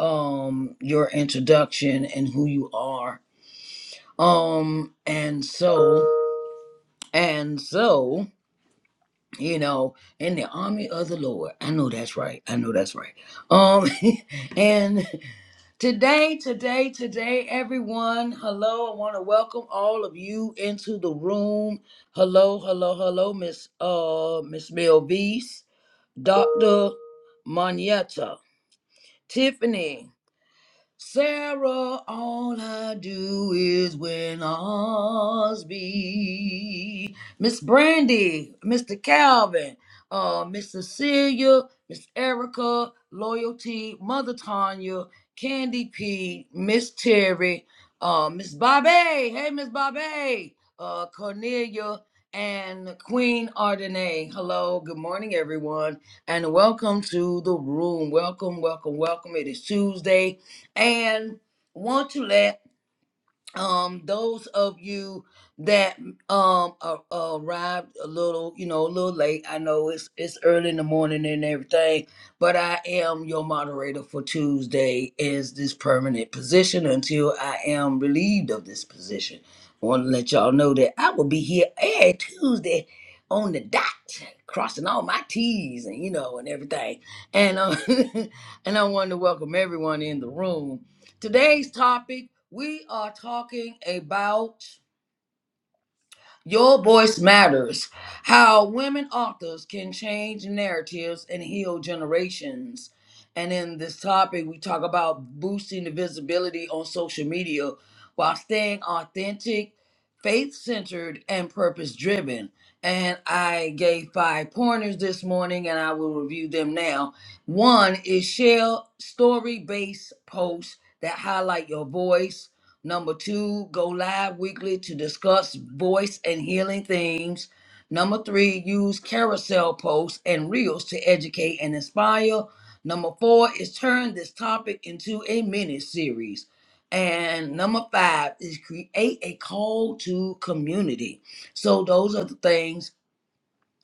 A: um your introduction and who you are um and so and so you know in the army of the lord i know that's right i know that's right um and today today today everyone hello i want to welcome all of you into the room hello hello hello miss uh miss melvise dr monietta tiffany Sarah, all I do is win Osby. Miss Brandy, Mr. Calvin, uh, Miss Cecilia, Miss Erica, Loyalty, Mother Tanya, Candy P, Miss Terry, uh, Miss Bobby, hey Miss Bobby, uh, Cornelia, and Queen Ardenay. Hello, good morning, everyone, and welcome to the room. Welcome, welcome, welcome. It is Tuesday and want to let um those of you that um a- arrived a little you know a little late i know it's it's early in the morning and everything but i am your moderator for tuesday is this permanent position until i am relieved of this position I want to let y'all know that i will be here every tuesday on the dot crossing all my t's and you know and everything and um and i wanted to welcome everyone in the room Today's topic we are talking about Your Voice Matters How Women Authors Can Change Narratives and Heal Generations. And in this topic, we talk about boosting the visibility on social media while staying authentic, faith centered, and purpose driven. And I gave five pointers this morning, and I will review them now. One is share story based posts that highlight your voice Number two, go live weekly to discuss voice and healing themes. Number three, use carousel posts and reels to educate and inspire. Number four is turn this topic into a mini series. And number five is create a call to community. So those are the things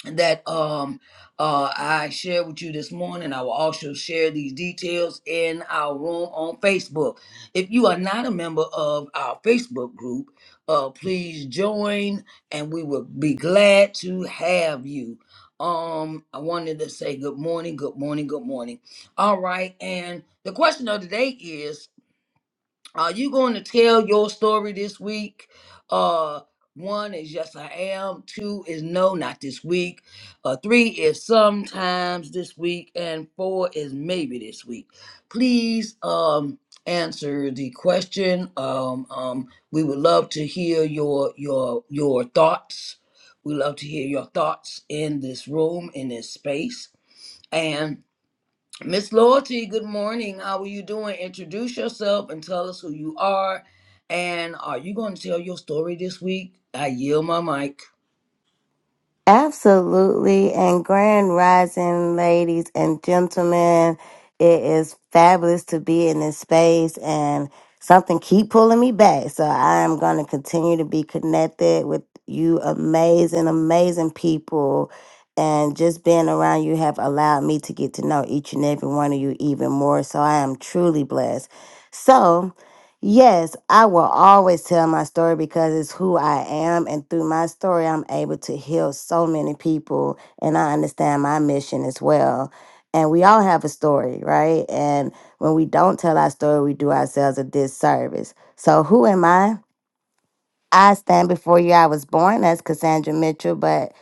A: that um uh I shared with you this morning. I will also share these details in our room on Facebook. If you are not a member of our Facebook group, uh please join and we will be glad to have you. Um I wanted to say good morning, good morning, good morning. All right, and the question of the day is are you going to tell your story this week? Uh, one is yes, I am. Two is no, not this week. Uh, three is sometimes this week, and four is maybe this week. Please um, answer the question. Um, um, we would love to hear your your your thoughts. We love to hear your thoughts in this room, in this space, and Miss Loyalty, good morning. How are you doing? Introduce yourself and tell us who you are. And are you going to tell your story this week? I yield my mic.
E: Absolutely. And grand rising, ladies and gentlemen. It is fabulous to be in this space and something keep pulling me back. So I am going to continue to be connected with you amazing, amazing people. And just being around you have allowed me to get to know each and every one of you even more. So I am truly blessed. So Yes, I will always tell my story because it's who I am. And through my story, I'm able to heal so many people. And I understand my mission as well. And we all have a story, right? And when we don't tell our story, we do ourselves a disservice. So, who am I? I stand before you. I was born as Cassandra Mitchell, but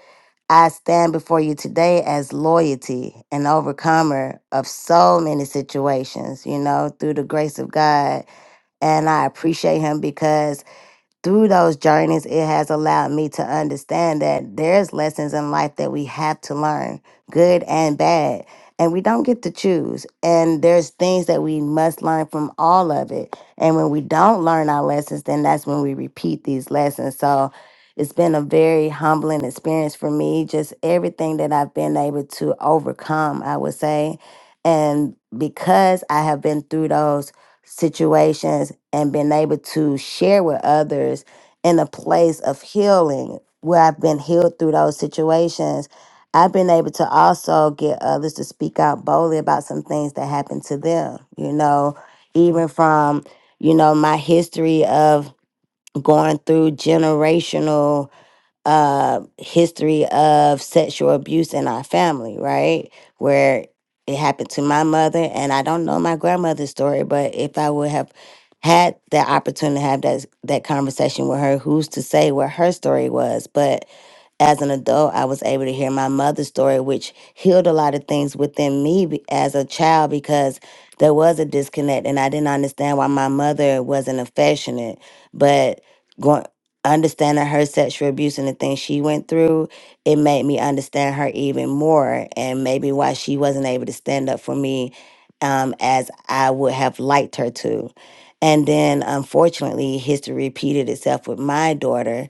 E: I stand before you today as loyalty and overcomer of so many situations, you know, through the grace of God and I appreciate him because through those journeys, it has allowed me to understand that there's lessons in life that we have to learn, good and bad. And we don't get to choose. And there's things that we must learn from all of it. And when we don't learn our lessons, then that's when we repeat these lessons. So it's been a very humbling experience for me, just everything that I've been able to overcome, I would say. And because I have been through those situations and been able to share with others in a place of healing where I've been healed through those situations. I've been able to also get others to speak out boldly about some things that happened to them, you know, even from, you know, my history of going through generational uh, history of sexual abuse in our family, right? Where it happened to my mother, and I don't know my grandmother's story, but if I would have had that opportunity to have that that conversation with her, who's to say what her story was? But as an adult, I was able to hear my mother's story, which healed a lot of things within me be- as a child because there was a disconnect and I didn't understand why my mother wasn't affectionate. But going, understanding her sexual abuse and the things she went through, it made me understand her even more and maybe why she wasn't able to stand up for me um, as I would have liked her to. And then, unfortunately, history repeated itself with my daughter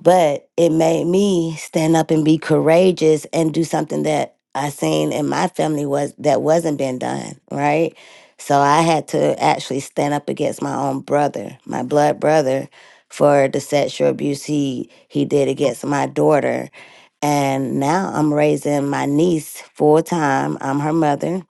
E: but it made me stand up and be courageous and do something that I seen in my family was that wasn't been done, right? So I had to actually stand up against my own brother, my blood brother, for the sexual abuse he he did against my daughter. And now I'm raising my niece full time. I'm her mother.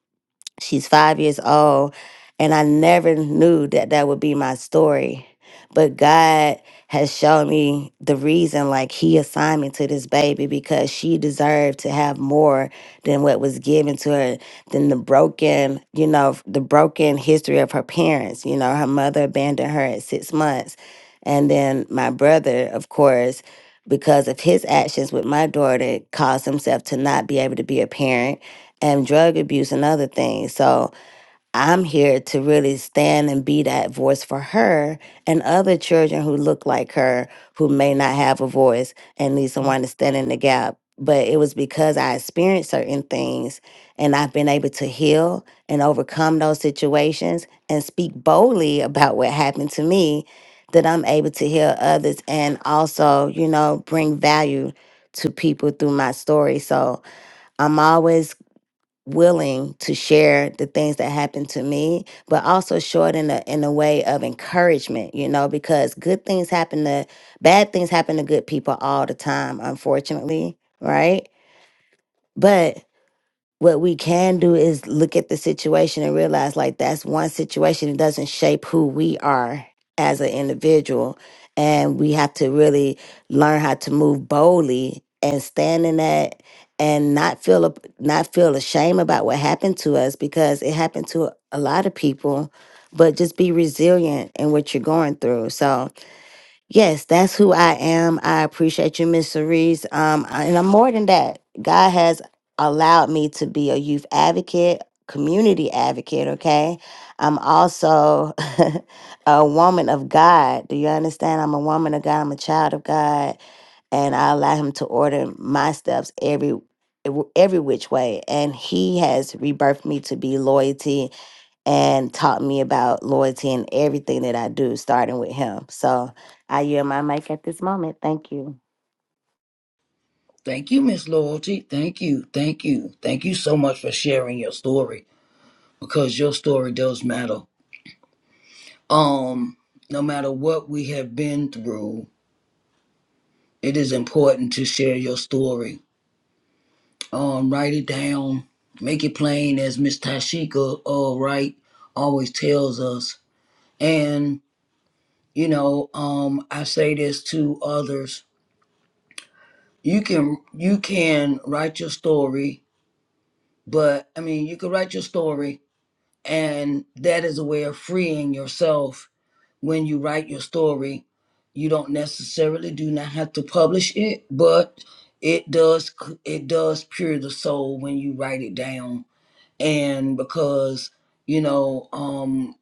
E: She's five years old, and I never knew that that would be my story. But God has shown me the reason, like, He assigned me to this baby because she deserved to have more than what was given to her, than the broken, you know, the broken history of her parents. You know, her mother abandoned her at six months. And then my brother, of course, because of his actions with my daughter, caused himself to not be able to be a parent and drug abuse and other things. So I'm here to really stand and be that voice for her and other children who look like her who may not have a voice and need someone to stand in the gap. But it was because I experienced certain things and I've been able to heal and overcome those situations and speak boldly about what happened to me that I'm able to heal others and also, you know, bring value to people through my story. So, I'm always willing to share the things that happened to me, but also show it in a in a way of encouragement, you know, because good things happen to bad things happen to good people all the time, unfortunately, right? But what we can do is look at the situation and realize like that's one situation it doesn't shape who we are as an individual and we have to really learn how to move boldly and stand in that and not feel a- not feel ashamed about what happened to us because it happened to a lot of people but just be resilient in what you're going through so Yes, that's who I am. I appreciate you, Miss Cerise. Um, and I'm more than that. God has allowed me to be a youth advocate, community advocate. Okay, I'm also a woman of God. Do you understand? I'm a woman of God. I'm a child of God, and I allow Him to order my steps every every which way. And He has rebirthed me to be loyalty and taught me about loyalty and everything that I do, starting with him. So I yield my mic at this moment. Thank you.
A: Thank you, Miss Loyalty. Thank you. Thank you. Thank you so much for sharing your story because your story does matter. Um, no matter what we have been through, it is important to share your story. Um, write it down, make it plain as Miss Tashika, all right, always tells us. And You know, um, I say this to others. You can you can write your story, but I mean you can write your story and that is a way of freeing yourself when you write your story. You don't necessarily do not have to publish it, but it does c- it does pure the soul when you write it down. And because, you know, um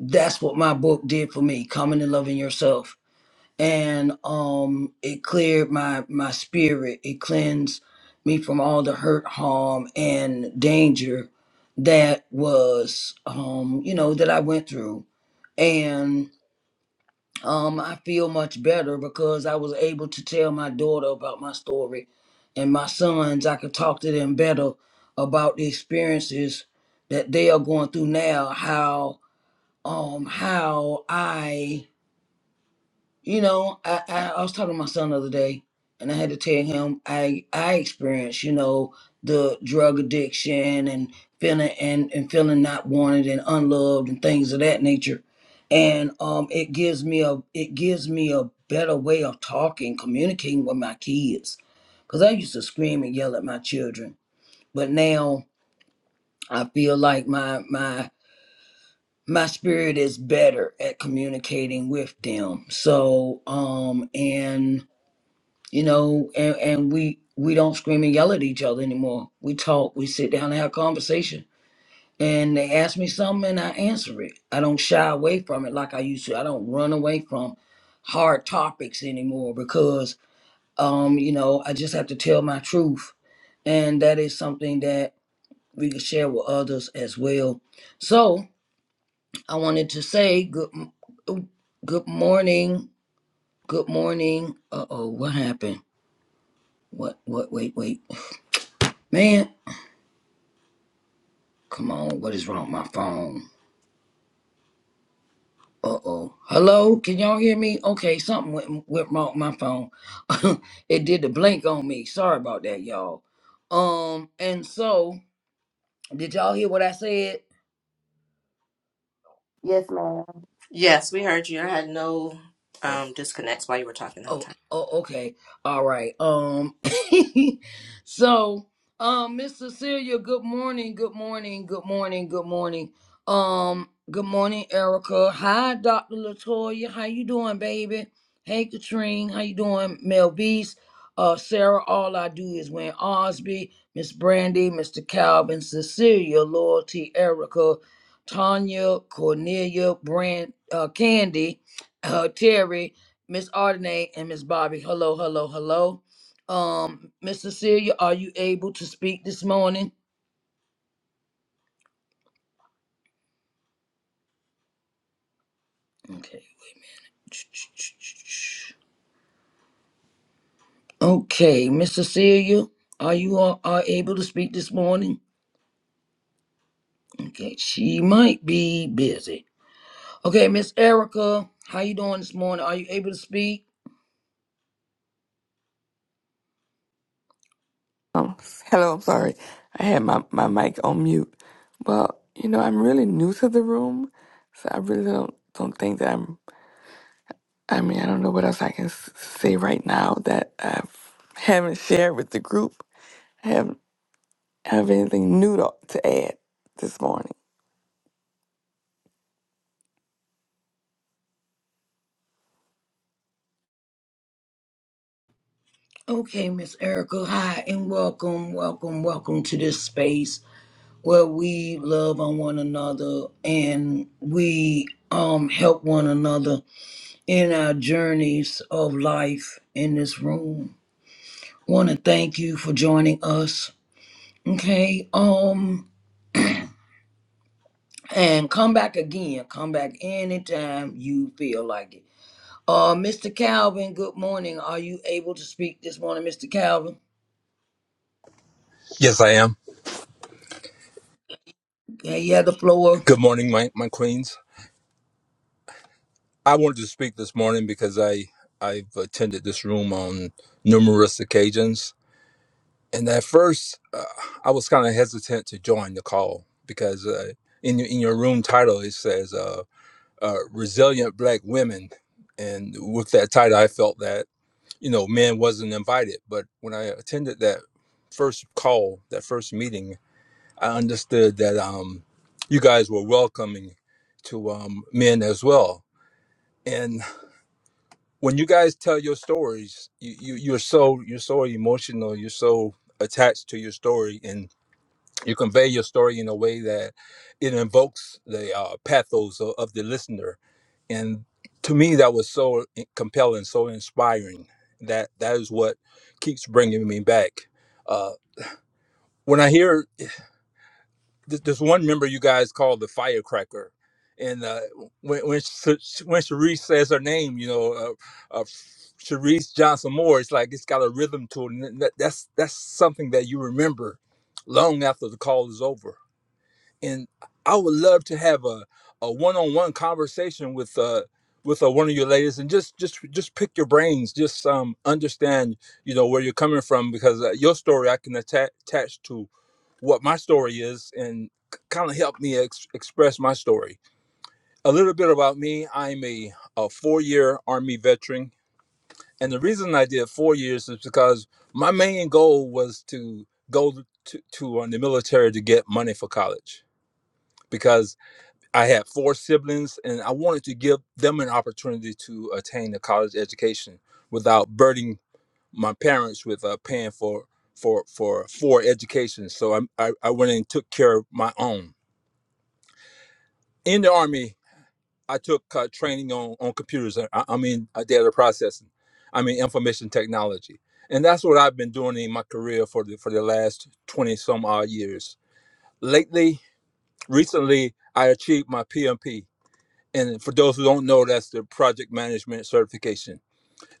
A: that's what my book did for me, coming and loving yourself and um it cleared my my spirit it cleansed me from all the hurt harm and danger that was um you know that i went through and um i feel much better because i was able to tell my daughter about my story and my sons i could talk to them better about the experiences that they are going through now how um how i you know, I, I, I was talking to my son the other day, and I had to tell him I I experienced, you know, the drug addiction and feeling and and feeling not wanted and unloved and things of that nature. And um, it gives me a it gives me a better way of talking, communicating with my kids, because I used to scream and yell at my children, but now I feel like my my my spirit is better at communicating with them. So um and you know, and, and we we don't scream and yell at each other anymore. We talk, we sit down and have a conversation. And they ask me something and I answer it. I don't shy away from it like I used to. I don't run away from hard topics anymore because um, you know, I just have to tell my truth. And that is something that we can share with others as well. So I wanted to say good m- oh, good morning. Good morning. Uh oh, what happened? What what wait, wait. Man, Come on, what is wrong with my phone? Uh oh. Hello, can y'all hear me? Okay, something went, went wrong with my phone. it did the blink on me. Sorry about that, y'all. Um, and so, did y'all hear what I said?
E: Yes, ma'am.
F: Yes, we heard you. I had no um, disconnects while you were talking the whole time.
A: Oh, oh, okay. All right. Um so um Miss Cecilia, good morning, good morning, good morning, good morning. Um, good morning, Erica. Hi, Dr. Latoya. How you doing, baby? Hey Katrine, how you doing? Mel Beast, uh Sarah, all I do is win Osby, Miss Brandy, Mr. Calvin, Cecilia, Loyalty, Erica, Tanya, Cornelia, Brand uh Candy, uh Terry. Miss Ardenay and Miss Bobby. Hello, hello, hello. Um, Miss Cecilia, are you able to speak this morning? Okay. Okay, Miss Cecilia, are you all are able to speak this morning? Okay, she might be busy. Okay, Miss Erica, how you doing this morning? Are you able to speak?
G: Um, hello, I'm sorry. I had my, my mic on mute. Well, you know, I'm really new to the room, so I really don't don't think that I'm. I mean, I don't know what else I can s- say right now that I haven't shared with the group. I haven't have anything new to, to add this morning.
A: Okay, Miss Erica, hi and welcome, welcome, welcome to this space. where we love on one another and we um help one another in our journeys of life in this room. Want to thank you for joining us. Okay, um, and come back again. Come back anytime you feel like it. Uh, Mr. Calvin, good morning. Are you able to speak this morning, Mr. Calvin?
H: Yes, I am.
A: Okay, you have the floor.
H: Good morning, my, my queens. I wanted to speak this morning because I I've attended this room on numerous occasions, and at first uh, I was kind of hesitant to join the call because uh, in your- in your room title it says uh, uh, "resilient black women," and with that title I felt that you know men wasn't invited. But when I attended that first call, that first meeting, I understood that um, you guys were welcoming to um, men as well. And when you guys tell your stories, you, you you're so you're so emotional. You're so attached to your story, and you convey your story in a way that it invokes the uh, pathos of, of the listener. And to me, that was so i- compelling, so inspiring. That that is what keeps bringing me back. Uh, when I hear th- this one member you guys call the firecracker and uh, when when Sh- when Sharice says her name, you know, uh, uh, Sharice Johnson Moore, it's like it's got a rhythm to it, and that, that's that's something that you remember long after the call is over. And I would love to have a a one on one conversation with uh with uh, one of your ladies and just just just pick your brains, just um understand you know where you're coming from because uh, your story I can atta- attach to what my story is and kind of help me ex- express my story. A little bit about me I'm a, a four year Army veteran. And the reason I did four years is because my main goal was to go to, to uh, the military to get money for college because I had four siblings and I wanted to give them an opportunity to attain a college education without burdening my parents with uh, paying for for for for education. So I, I I went and took care of my own in the army, I took uh, training on, on computers. uh, I, I mean, uh, data processing. I mean, information technology, and that's what I've been doing in my career for the for the last twenty some odd years. Lately, recently, I achieved my PMP, and for those who don't know, that's the project management certification.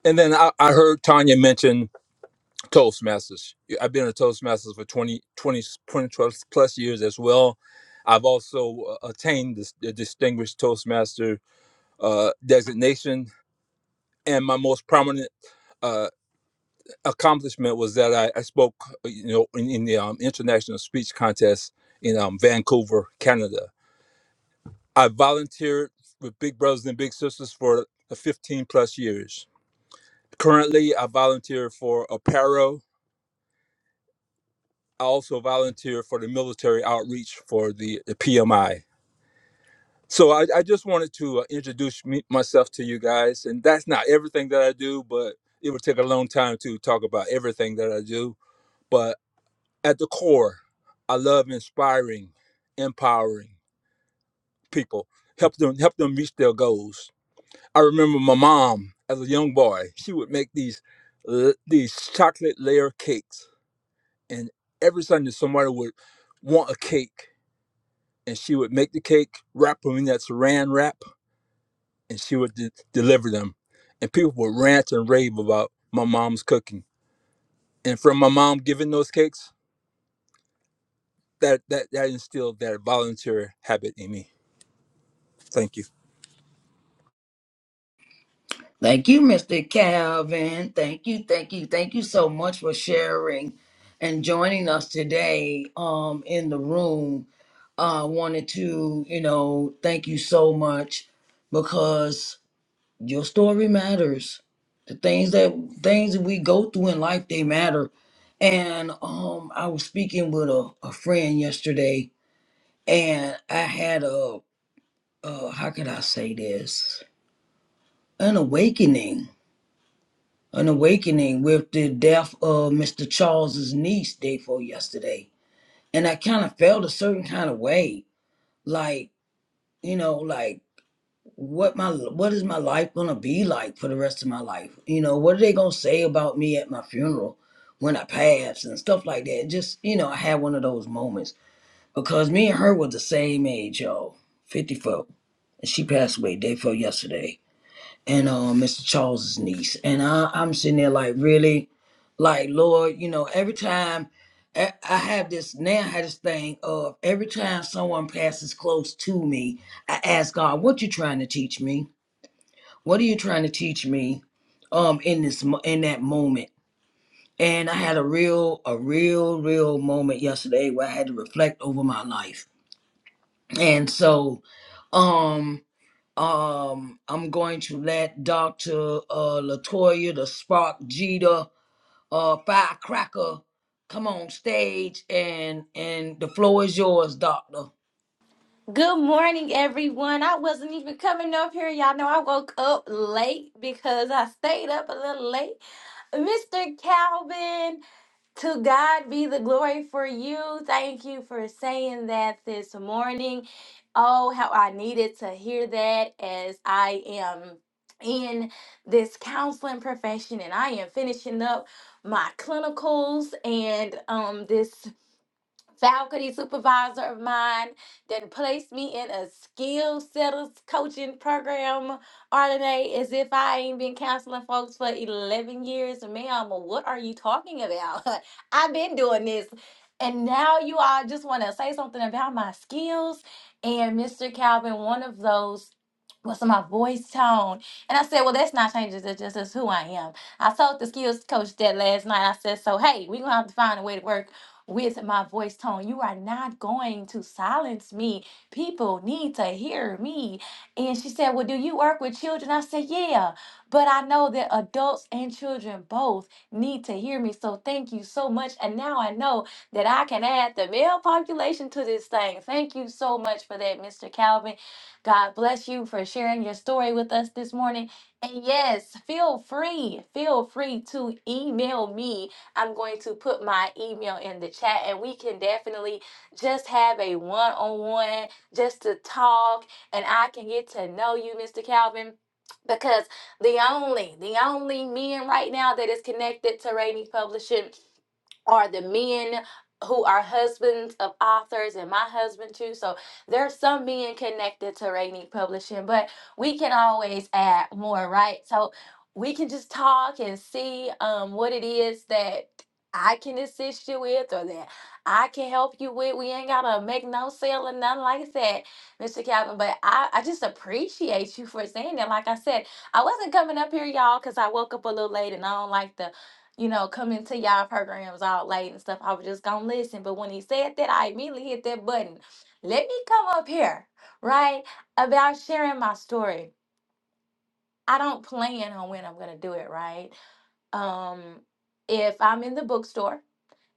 H: And then I, I heard Tanya mention Toastmasters. I've been a Toastmasters for 20 20 20 plus plus years as well. I've also uh, attained this, the distinguished Toastmaster uh, designation. And my most prominent uh, accomplishment was that I, I spoke, uh, you know, in, in the um, international speech contest in um, Vancouver, Canada. I volunteered with Big Brothers and Big Sisters for 15 plus years. Currently, I volunteer for Apparel. I also volunteer for the military outreach for the, the PMI. So I, I just wanted to uh, introduce me, myself to you guys, and that's not everything that I do, but it would take a long time to talk about everything that I do. But at the core, I love inspiring, empowering people, help them help them reach their goals. I remember my mom as a young boy; she would make these l- these chocolate layer cakes, and every Sunday somebody would want a cake, and she would make the cake, wrap them in that Saran wrap and she would de- deliver them. And people would rant and rave about my mom's cooking. And from my mom giving those cakes, that that that instilled that volunteer habit in me. Thank you.
A: Thank you, Mr. Calvin. Thank you, thank you, thank you so much for sharing and joining us today um, in the room. I uh, wanted to, you know, thank you so much because your story matters. The things that things that we go through in life, they matter. And um, I was speaking with a, a friend yesterday, and I had a, a how could I say this? An awakening an awakening with the death of Mr. Charles's niece day before yesterday. And I kind of felt a certain kind of way, like, you know, like what my what is my life gonna be like for the rest of my life? You know, what are they gonna say about me at my funeral when I pass and stuff like that? Just, you know, I had one of those moments because me and her were the same age, y'all, 54. And she passed away day before yesterday and uh, Mr. Charles's niece. And I, I'm sitting there like, really? Like, Lord, you know, every time I, I have this, now I have this thing of every time someone passes close to me, I ask God, what you trying to teach me? What are you trying to teach me um, in this mo- in that moment? And I had a real, a real, real moment yesterday where I had to reflect over my life. And so, um. Um, I'm going to let Dr. Uh, Latoya, the Spark Jeter, uh, Firecracker, come on stage, and and the floor is yours, Doctor.
I: Good morning, everyone. I wasn't even coming up here. Y'all know I woke up late because I stayed up a little late. Mr. Calvin, to God be the glory for you. Thank you for saying that this morning. Oh, how I needed to hear that as I am in this counseling profession and I am finishing up my clinicals and um this faculty supervisor of mine that placed me in a skill setters coaching program, RNA, as if I ain't been counseling folks for 11 years. Ma'am, what are you talking about? I've been doing this. And now you all just want to say something about my skills. And Mr. Calvin, one of those was my voice tone. And I said, Well, that's not changes. It just is who I am. I told the skills coach that last night. I said, So, hey, we're going to have to find a way to work with my voice tone. You are not going to silence me. People need to hear me. And she said, Well, do you work with children? I said, Yeah, but I know that adults and children both need to hear me. So thank you so much. And now I know that I can add the male population to this thing. Thank you so much for that, Mr. Calvin. God bless you for sharing your story with us this morning. And yes, feel free, feel free to email me I'm going to put my email in the chat and we can definitely just have a one on one just to talk and I can get to know you, Mr. Calvin. Because the only, the only men right now that is connected to Rainy Publishing are the men who are husbands of authors and my husband too. So there's some men connected to Rainy Publishing, but we can always add more, right? So we can just talk and see um, what it is that I can assist you with or that I can help you with. We ain't gotta make no sale or nothing like that, Mr. Calvin. But I, I just appreciate you for saying that. Like I said, I wasn't coming up here, y'all, because I woke up a little late and I don't like the you know, coming to y'all programs all late and stuff. I was just gonna listen. But when he said that, I immediately hit that button. Let me come up here, right? About sharing my story. I don't plan on when I'm gonna do it, right? Um, if I'm in the bookstore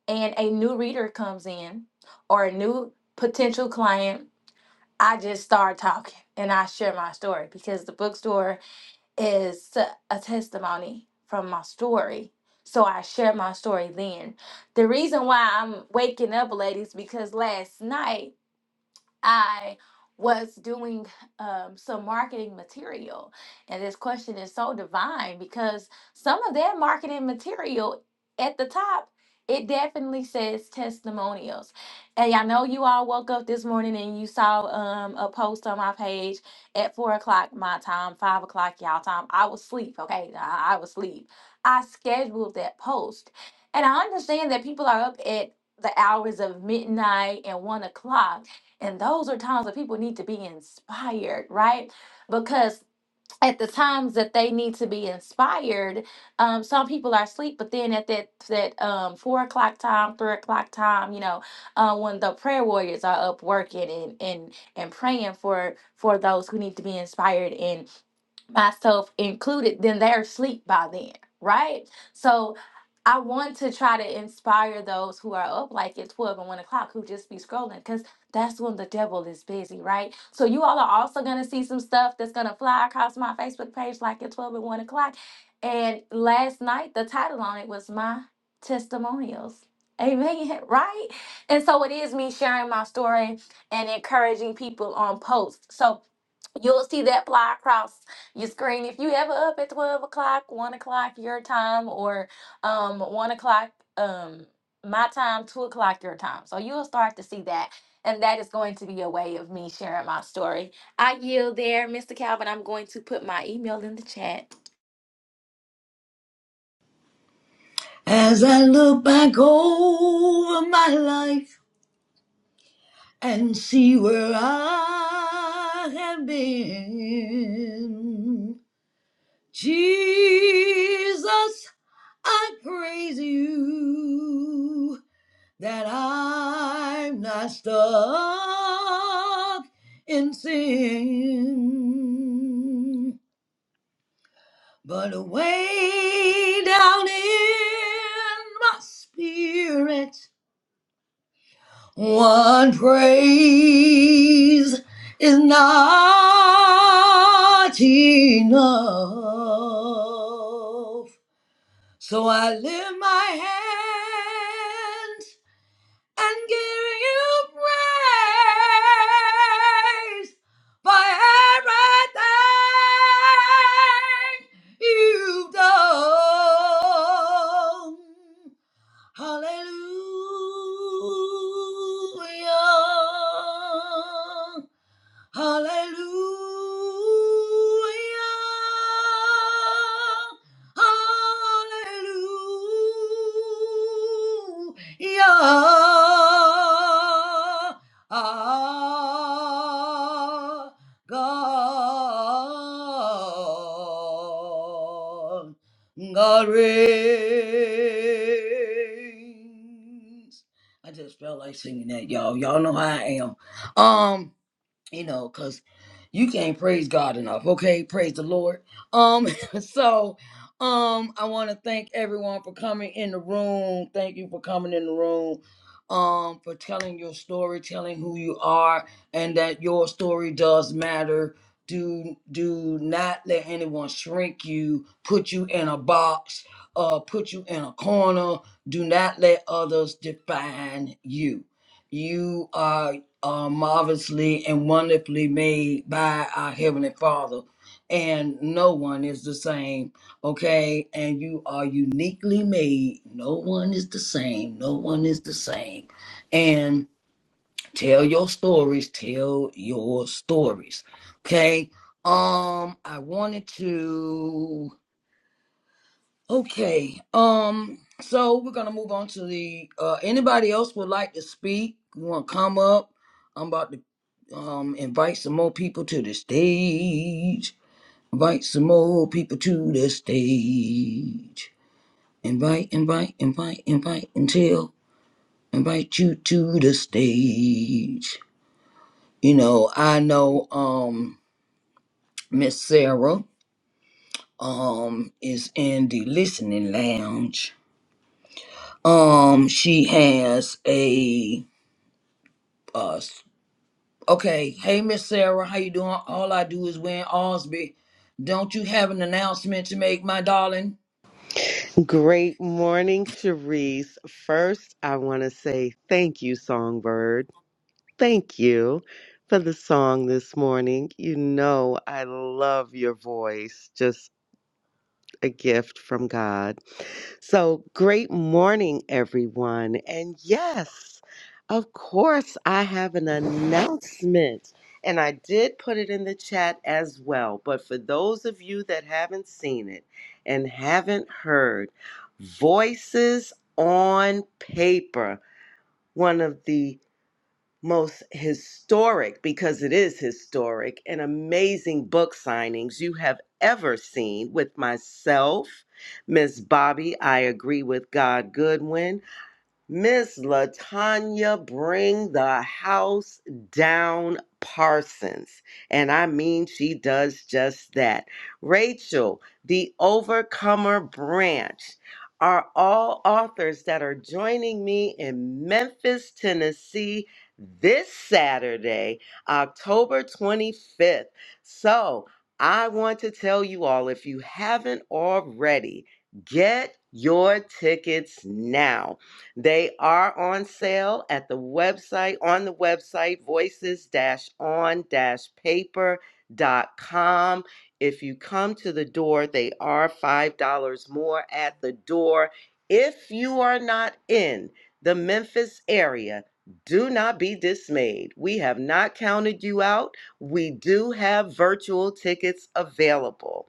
I: and a new reader comes in or a new potential client, I just start talking and I share my story because the bookstore is a testimony from my story. So I share my story then. The reason why I'm waking up, ladies, because last night I was doing um, some marketing material. And this question is so divine because some of that marketing material at the top, it definitely says testimonials. And I know you all woke up this morning and you saw um, a post on my page at four o'clock my time, five o'clock y'all time. I was asleep, okay? I, I was asleep. I scheduled that post. And I understand that people are up at the hours of midnight and one o'clock and those are times that people need to be inspired, right? Because at the times that they need to be inspired, um, some people are asleep, but then at that that um, four o'clock time, three o'clock time, you know, uh, when the prayer warriors are up working and and and praying for for those who need to be inspired and myself included, then they're asleep by then, right? So I want to try to inspire those who are up like at 12 and 1 o'clock who just be scrolling because that's when the devil is busy, right? So you all are also going to see some stuff that's going to fly across my Facebook page like at 12 and 1 o'clock. And last night, the title on it was My Testimonials. Amen, right? And so it is me sharing my story and encouraging people on posts. So you'll see that fly across your screen if you ever up at 12 o'clock, 1 o'clock your time, or um, 1 o'clock um, my time, 2 o'clock your time. So you'll start to see that. And that is going to be a way of me sharing my story. I yield there, Mr. Calvin. I'm going to put my email in the chat.
A: As I look back over my life and see where I have been, Jesus, I praise you. that I'm not stuck in sin, but way down in my spirit, one praise is not enough. So I lift my hands and give you praise for everything you've done. Hallelujah. Hallelujah. Hallelujah. Ah, God. God reigns. I just felt like singing that, y'all. Y'all know how I am. Um, you know, because you can't praise God enough. Okay, praise the Lord. Um, so um I want to thank everyone for coming in the room. Thank you for coming in the room. Um, for telling your story, telling who you are, and that your story does matter. Do do not let anyone shrink you, put you in a box, uh, put you in a corner. Do not let others define you. You are are marvelously and wonderfully made by our Heavenly Father. And no one is the same, okay? And you are uniquely made. No one is the same. No one is the same. And tell your stories. Tell your stories, okay? Um, I wanted to. Okay. Um. So we're gonna move on to the. Uh, anybody else would like to speak? You want to come up? I'm about to um invite some more people to the stage. Invite some more people to the stage. Invite, invite, invite, invite until invite you to the stage. You know, I know um Miss Sarah um is in the listening lounge Um, she has a uh s- okay, hey Miss Sarah, how you doing? All I do is win Osby. Don't you have an announcement to make, my darling?
J: Great morning, Cherise. First, I want to say thank you, Songbird. Thank you for the song this morning. You know, I love your voice. Just a gift from God. So, great morning, everyone. And yes, of course, I have an announcement. And I did put it in the chat as well. But for those of you that haven't seen it and haven't heard, Voices on Paper, one of the most historic, because it is historic, and amazing book signings you have ever seen with myself, Miss Bobby, I agree with God Goodwin, Miss Latanya, bring the house down, Parsons. And I mean, she does just that. Rachel, the Overcomer Branch, are all authors that are joining me in Memphis, Tennessee this Saturday, October 25th. So I want to tell you all if you haven't already, get your tickets now. They are on sale at the website, on the website, voices on paper.com. If you come to the door, they are $5 more at the door. If you are not in the Memphis area, do not be dismayed. We have not counted you out. We do have virtual tickets available.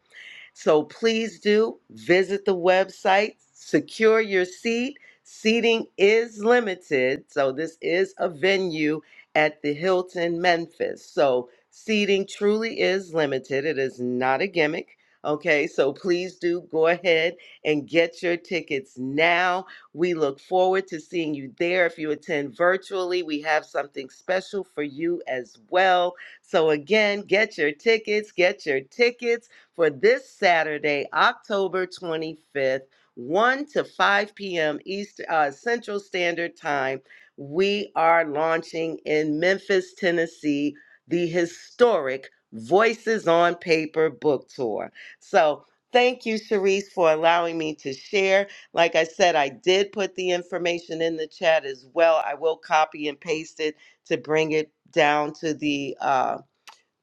J: So please do visit the website, secure your seat. Seating is limited, so this is a venue at the Hilton Memphis. So seating truly is limited. It is not a gimmick. Okay, so please do go ahead and get your tickets now. We look forward to seeing you there. If you attend virtually, we have something special for you as well. So, again, get your tickets, get your tickets for this Saturday, October 25th, 1 to 5 p.m. East uh, Central Standard Time. We are launching in Memphis, Tennessee, the historic Voices on Paper book tour. So, thank you, Cherise, for allowing me to share. Like I said, I did put the information in the chat as well. I will copy and paste it to bring it down to the uh,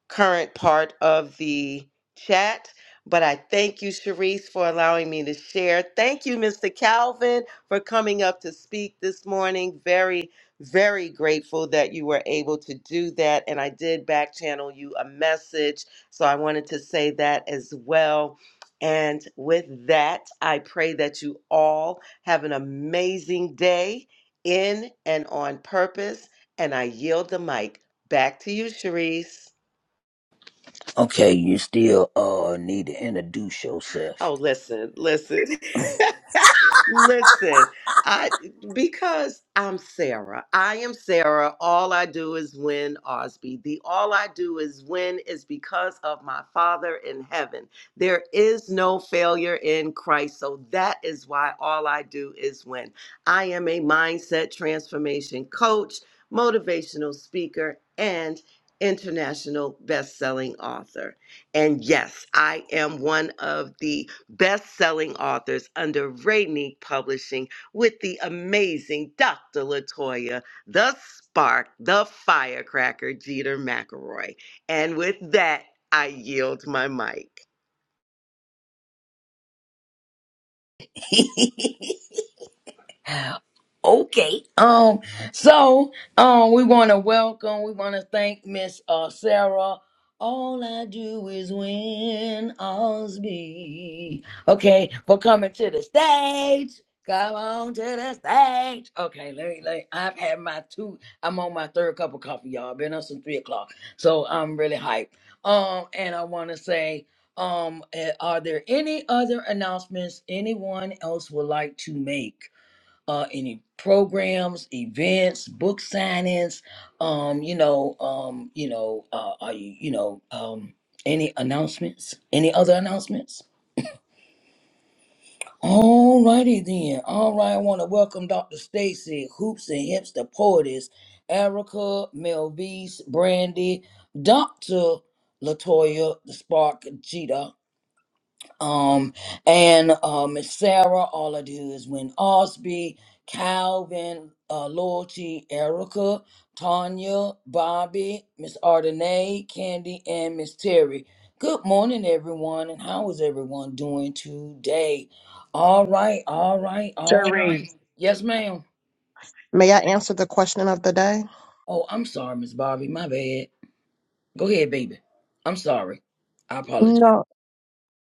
J: current part of the chat. But I thank you, Sharice, for allowing me to share. Thank you, Mr. Calvin, for coming up to speak this morning. Very, very grateful that you were able to do that. And I did back channel you a message. So I wanted to say that as well. And with that, I pray that you all have an amazing day in and on purpose. And I yield the mic back to you, Sharice.
A: Okay, you still uh need to introduce yourself.
J: Oh, listen, listen, listen. I because I'm Sarah. I am Sarah. All I do is win Osby. The all I do is win is because of my Father in heaven. There is no failure in Christ. So that is why all I do is win. I am a mindset transformation coach, motivational speaker, and international best-selling author. And yes, I am one of the best selling authors under Rainy Publishing with the amazing Dr. Latoya, the spark, the firecracker, Jeter McElroy. And with that, I yield my mic.
A: Okay. Um. So, um, we want to welcome. We want to thank Miss uh, Sarah. All I do is win Osby. Okay, for coming to the stage. Come on to the stage. Okay, let me. Let me- I've had my two. I'm on my third cup of coffee, y'all. Been up since three o'clock, so I'm really hyped. Um, and I want to say, um, eh, are there any other announcements anyone else would like to make? uh, any programs, events, book signings, um, you know, um, you know, uh, are you, you know, um, any announcements? Any other announcements? All righty then. All right, I want to welcome Dr. Stacy, Hoops and Hips, the poetess, Erica, Melvise, Brandy, Dr. Latoya, the Spark, Jeter um, and uh, Miss Sarah, all I do is win Osby, Calvin, uh, Loyalty, Erica, Tanya, Bobby, Miss Ardenay, Candy, and Miss Terry. Good morning, everyone, and how is everyone doing today? All right, all right, all
K: Cherie.
A: right. Yes, ma'am.
K: May I answer the question of the day?
A: Oh, I'm sorry, Miss Bobby. My bad. Go ahead, baby. I'm sorry. I apologize.
K: No,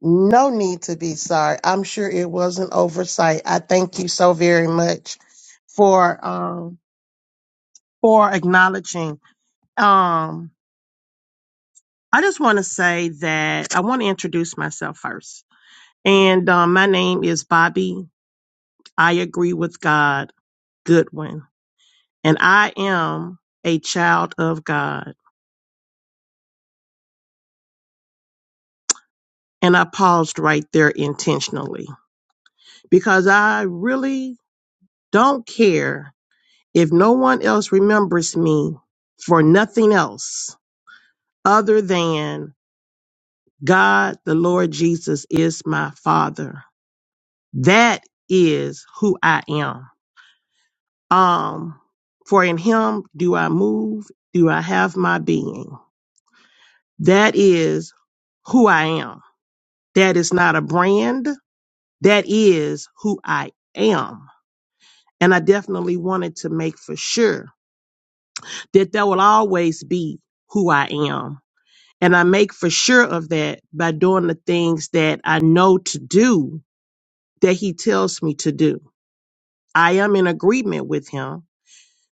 K: no need to be sorry. I'm sure it was an oversight. I thank you so very much for um for acknowledging. Um, I just want to say that I want to introduce myself first, and um, my name is Bobby. I agree with God Goodwin, and I am a child of God. And I paused right there intentionally because I really Don't care if no one else remembers me for nothing else other than God, the Lord Jesus is my father. That is who I am. Um, for in him do I move, do I have my being. That is who I am. That is not a brand. That is who I am. And I definitely wanted to make for sure that that will always be who I am And I make for sure of that by doing the things that I know to do that he tells me to do. I am in agreement with him.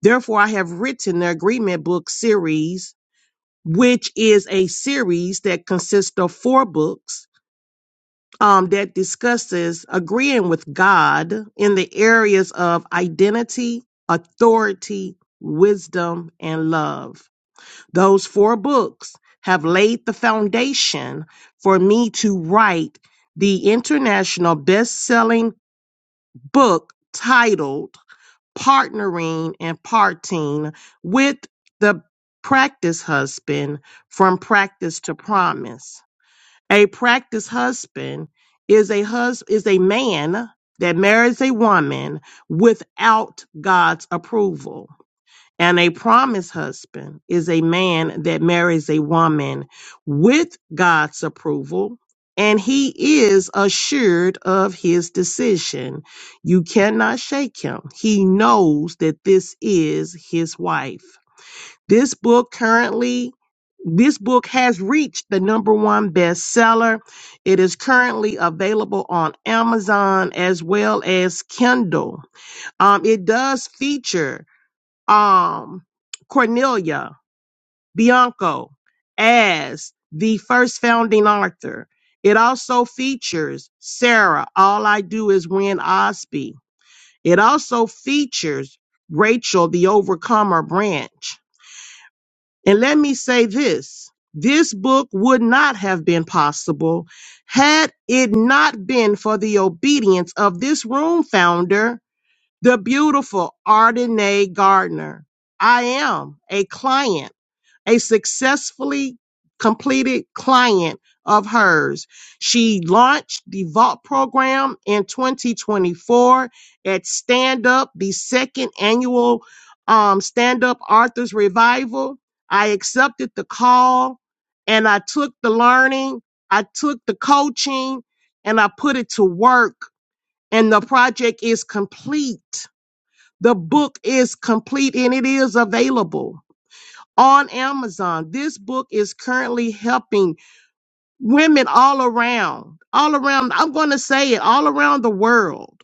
K: Therefore, I have written the agreement book series, which is a series that consists of four books um, that discusses agreeing with God in the areas of identity, authority, wisdom, and love. Those four books have laid the foundation for me to write the international best selling book titled Partnering and Parting with the Practice Husband from Practice to Promise. A practice husband is a hus- is a man that marries a woman without God's approval. And a promised husband is a man that marries a woman with God's approval, and he is assured of his decision. You cannot shake him. He knows that this is his wife. This book currently this book has reached the number one bestseller. It is currently available on Amazon as well as Kindle. Um, it does feature um, Cornelia Bianco as the first founding author. It also features Sarah, All I Do Is Win Osby. It also features Rachel, the Overcomer Branch. And let me say this this book would not have been possible had it not been for the obedience of this room founder the beautiful Ardenae Gardner. I am a client, a successfully completed client of hers. She launched the Vault program in 2024 at Stand Up, the second annual um, Stand Up Arthur's Revival. I accepted the call and I took the learning, I took the coaching, and I put it to work. And the project is complete. The book is complete and it is available on Amazon. This book is currently helping women all around, all around. I'm going to say it all around the world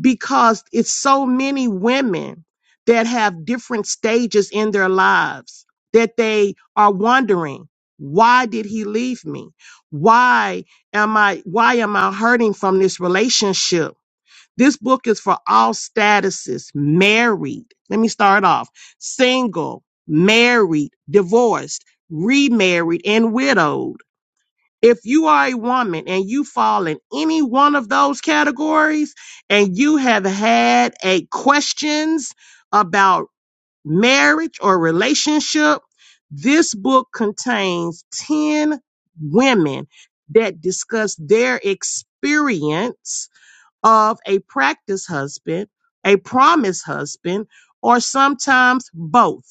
K: because it's so many women that have different stages in their lives that they are wondering, why did he leave me? Why am I, why am I hurting from this relationship? This book is for all statuses, married. Let me start off single, married, divorced, remarried, and widowed. If you are a woman and you fall in any one of those categories and you have had a questions about marriage or relationship, this book contains 10 women that discuss their experience of a practice husband, a promise husband, or sometimes both.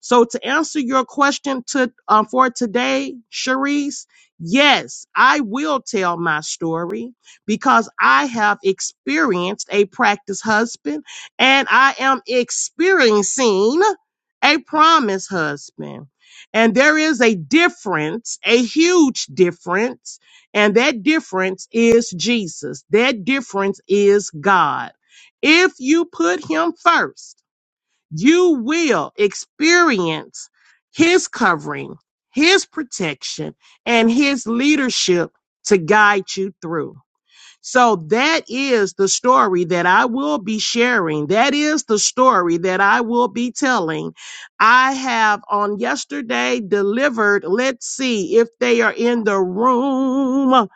K: So to answer your question to um, for today, Sharice, yes, I will tell my story because I have experienced a practice husband and I am experiencing a promise husband. And there is a difference, a huge difference, and that difference is Jesus. That difference is God. If you put him first, you will experience his covering, his protection, and his leadership to guide you through. So that is the story that I will be sharing. That is the story that I will be telling. I have on yesterday delivered, let's see if they are in the room.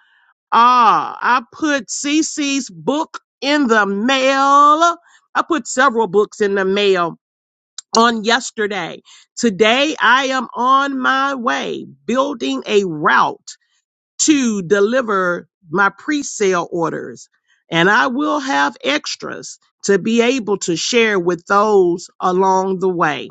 K: Ah, I put Cece's book in the mail. I put several books in the mail on yesterday. Today, I am on my way building a route to deliver my pre sale orders, and I will have extras to be able to share with those along the way.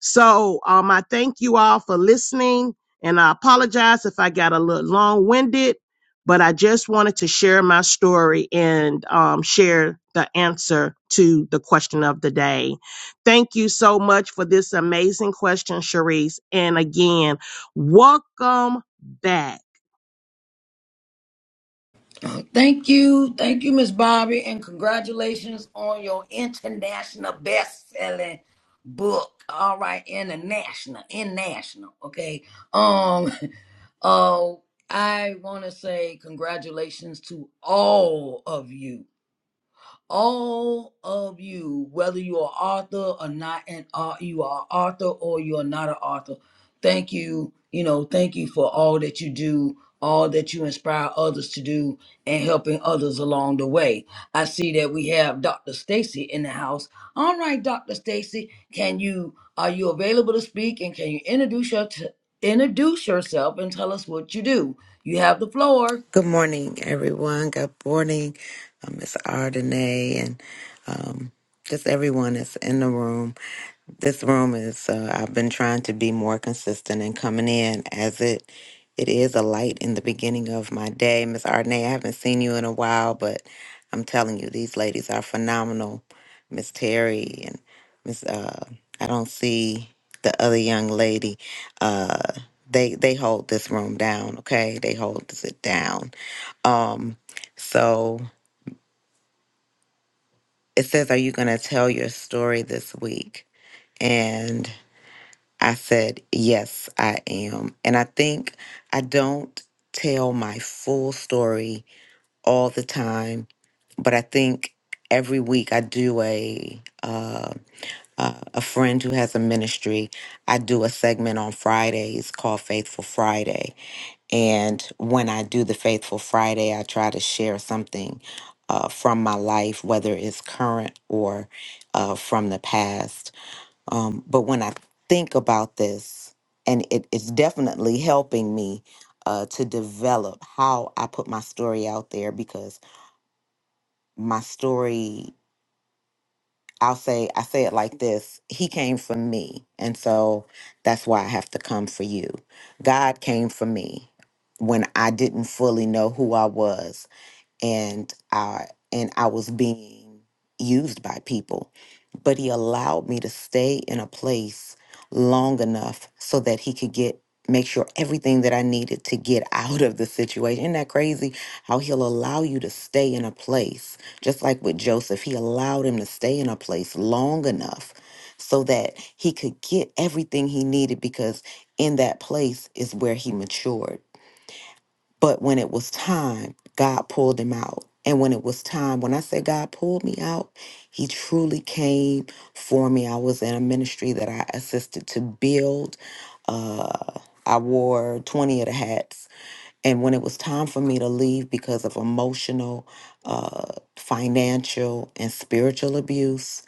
K: So um, I thank you all for listening, and I apologize if I got a little long winded, but I just wanted to share my story and um, share the answer to the question of the day. Thank you so much for this amazing question, Sharice. And again, welcome back.
A: Uh, Thank you. Thank you, Miss Bobby, and congratulations on your international best selling book. All right, international, international. Okay. Um oh I wanna say congratulations to all of you all of you, whether you're an author or not an au- you are an author or you're not an author. Thank you, you know, thank you for all that you do, all that you inspire others to do, and helping others along the way. I see that we have Dr. Stacy in the house. All right, Dr. Stacy, can you are you available to speak and can you introduce your introduce yourself and tell us what you do? You have the floor.
L: Good morning, everyone. Good morning, uh, Miss Ardenay, and um, just everyone that's in the room. This room is. Uh, I've been trying to be more consistent in coming in, as it it is a light in the beginning of my day. Miss Ardenay, I haven't seen you in a while, but I'm telling you, these ladies are phenomenal. Miss Terry and Miss. Uh, I don't see the other young lady. Uh, they they hold this room down. Okay, they hold it down um, so it says, Are you going to tell your story this week? And I said, Yes, I am. And I think I don't tell my full story all the time, but I think every week I do a. Uh, uh, a friend who has a ministry, I do a segment on Fridays called Faithful Friday And when I do the Faithful Friday, I try to share something uh, from my life, whether it's current or uh, from the past. Um, but when I think about this, and it, it's definitely helping me uh, to develop how I put my story out there because my story I'll say I say it like this. He came for me. And so that's why I have to come for you. God came for me when I didn't fully know who I was and I and I was being used by people. But he allowed me to stay in a place long enough so that he could get make sure everything that I needed to get out of the situation. Isn't that crazy? How he'll allow you to stay in a place. Just like with Joseph, he allowed him to stay in a place long enough so that he could get everything he needed because in that place is where he matured but when it was time, God pulled him out. And when it was time, when I say God pulled me out, he truly came for me. I was in a ministry that I assisted to build. Uh, I wore 20 of the hats. And when it was time for me to leave because of emotional, uh, financial, and spiritual abuse,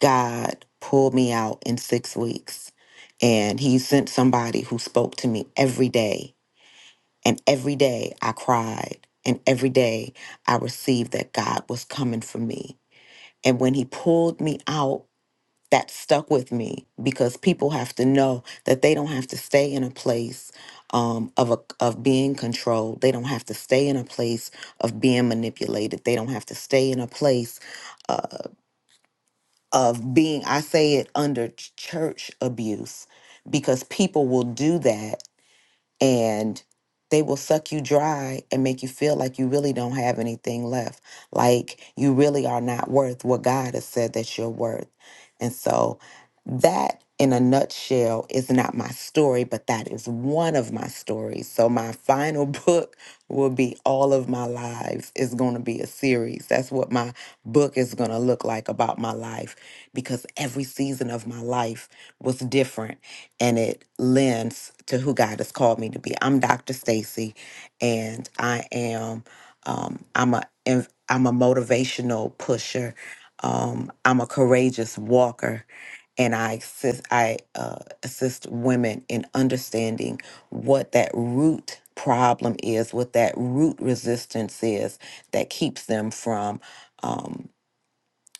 L: God pulled me out in six weeks. And he sent somebody who spoke to me every day and every day I cried. And every day I received that God was coming for me. And when He pulled me out, that stuck with me because people have to know that they don't have to stay in a place um, of a, of being controlled. They don't have to stay in a place of being manipulated. They don't have to stay in a place uh, of being. I say it under ch- church abuse because people will do that and they will suck you dry and make you feel like you really don't have anything left, like you really are not worth what God has said that you're worth. And so, that in a nutshell is not my story, but that is one of my stories. So, my final book will be All of My Lives, is going to be a series. That's what my book is going to look like about my life because every season of my life was different and it lends to who God has called me to be. I'm Dr. Stacy, and I am um, I'm a inv- I'm a motivational pusher. Um, I'm a courageous walker, and I assist I uh, assist women in understanding what that root problem is, what that root resistance is that keeps them from. um,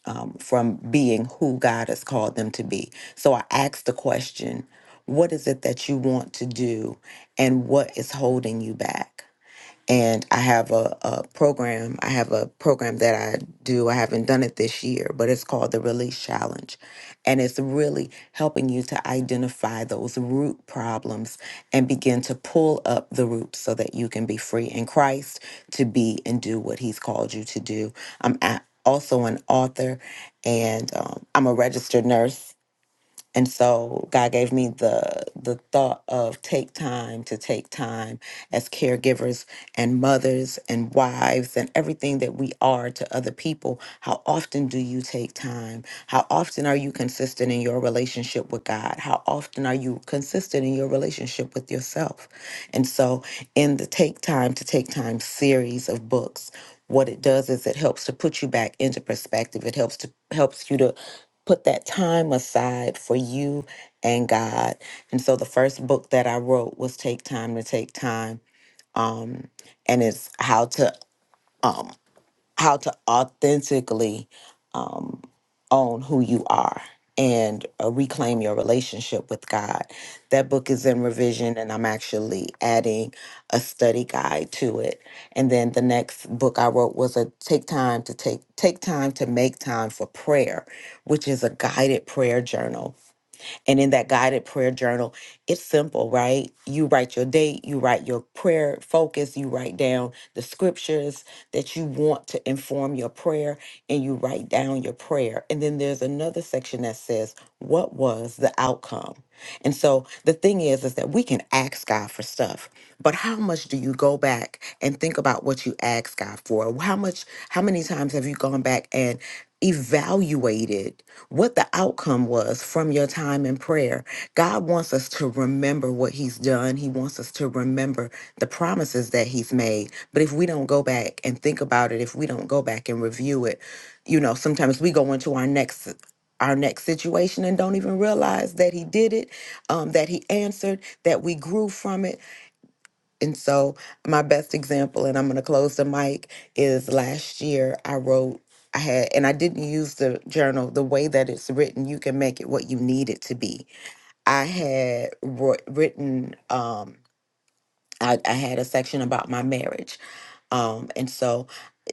L: um, from being who God has called them to be. So I asked the question, what is it that you want to do and what is holding you back? and I have a, a program. I have a program that I do. I haven't done it this year, but it's called the Release Challenge. And it's really helping you to identify those root problems and begin to pull up the roots so that you can be free in Christ to be and do what He's called you to do. I'm a- also an author and um, I'm a registered nurse and so god gave me the the thought of take time to take time as caregivers and mothers and wives and everything that we are to other people how often do you take time how often are you consistent in your relationship with god how often are you consistent in your relationship with yourself and so in the take time to take time series of books what it does is it helps to put you back into perspective it helps to helps you to put that time aside for you and God. And so the first book that I wrote was Take Time to Take Time. Um, and it's how to um how to authentically um, own who you are and uh, reclaim your relationship with God. That book is in revision, and I'm actually adding a study guide to it. And then the next book I wrote was a take time to take take time to make time for prayer, which is a guided prayer journal and in that guided prayer journal, it's simple, right? You write your date, you write your prayer focus, you write down the scriptures that you want to inform your prayer, and you write down your prayer. And then there's another section that says, What was the outcome? And so the thing is, is that we can ask God for stuff, but how much do you go back and think about what you asked God for? How much, how many times have you gone back and evaluated? what the outcome was from your time in prayer. God wants us to remember what He's done. He wants us to remember the promises that He's made. But if we don't go back and think about it, if we don't go back and review it, you know, sometimes we go into our next our next situation and don't even realize that he did it um, that he answered that we grew from it and so, my best example, and I'm going to close the mic, is last year I wrote, I had, and I didn't use the journal the way that it's written. You can make it what you need it to be. I had wr- written, um, I, I had a section about my marriage um, and so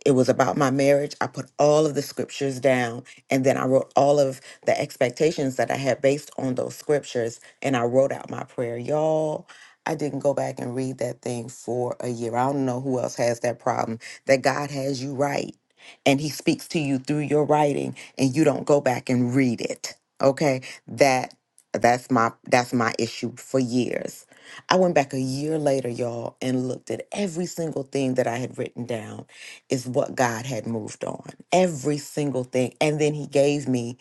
L: it was about my marriage. I put all of the scriptures down and then I wrote all of the expectations that I had based on those scriptures and I wrote out my prayer. Y'all, I didn't go back and read that thing for a year. I don't know who else has that problem that God has you write and he speaks to you through your writing and you don't go back and read it. Okay? That that's my that's my issue for years I went back a year later, y'all, and looked at every single thing that I had written down is what God had moved on. Every single thing. And then He gave me,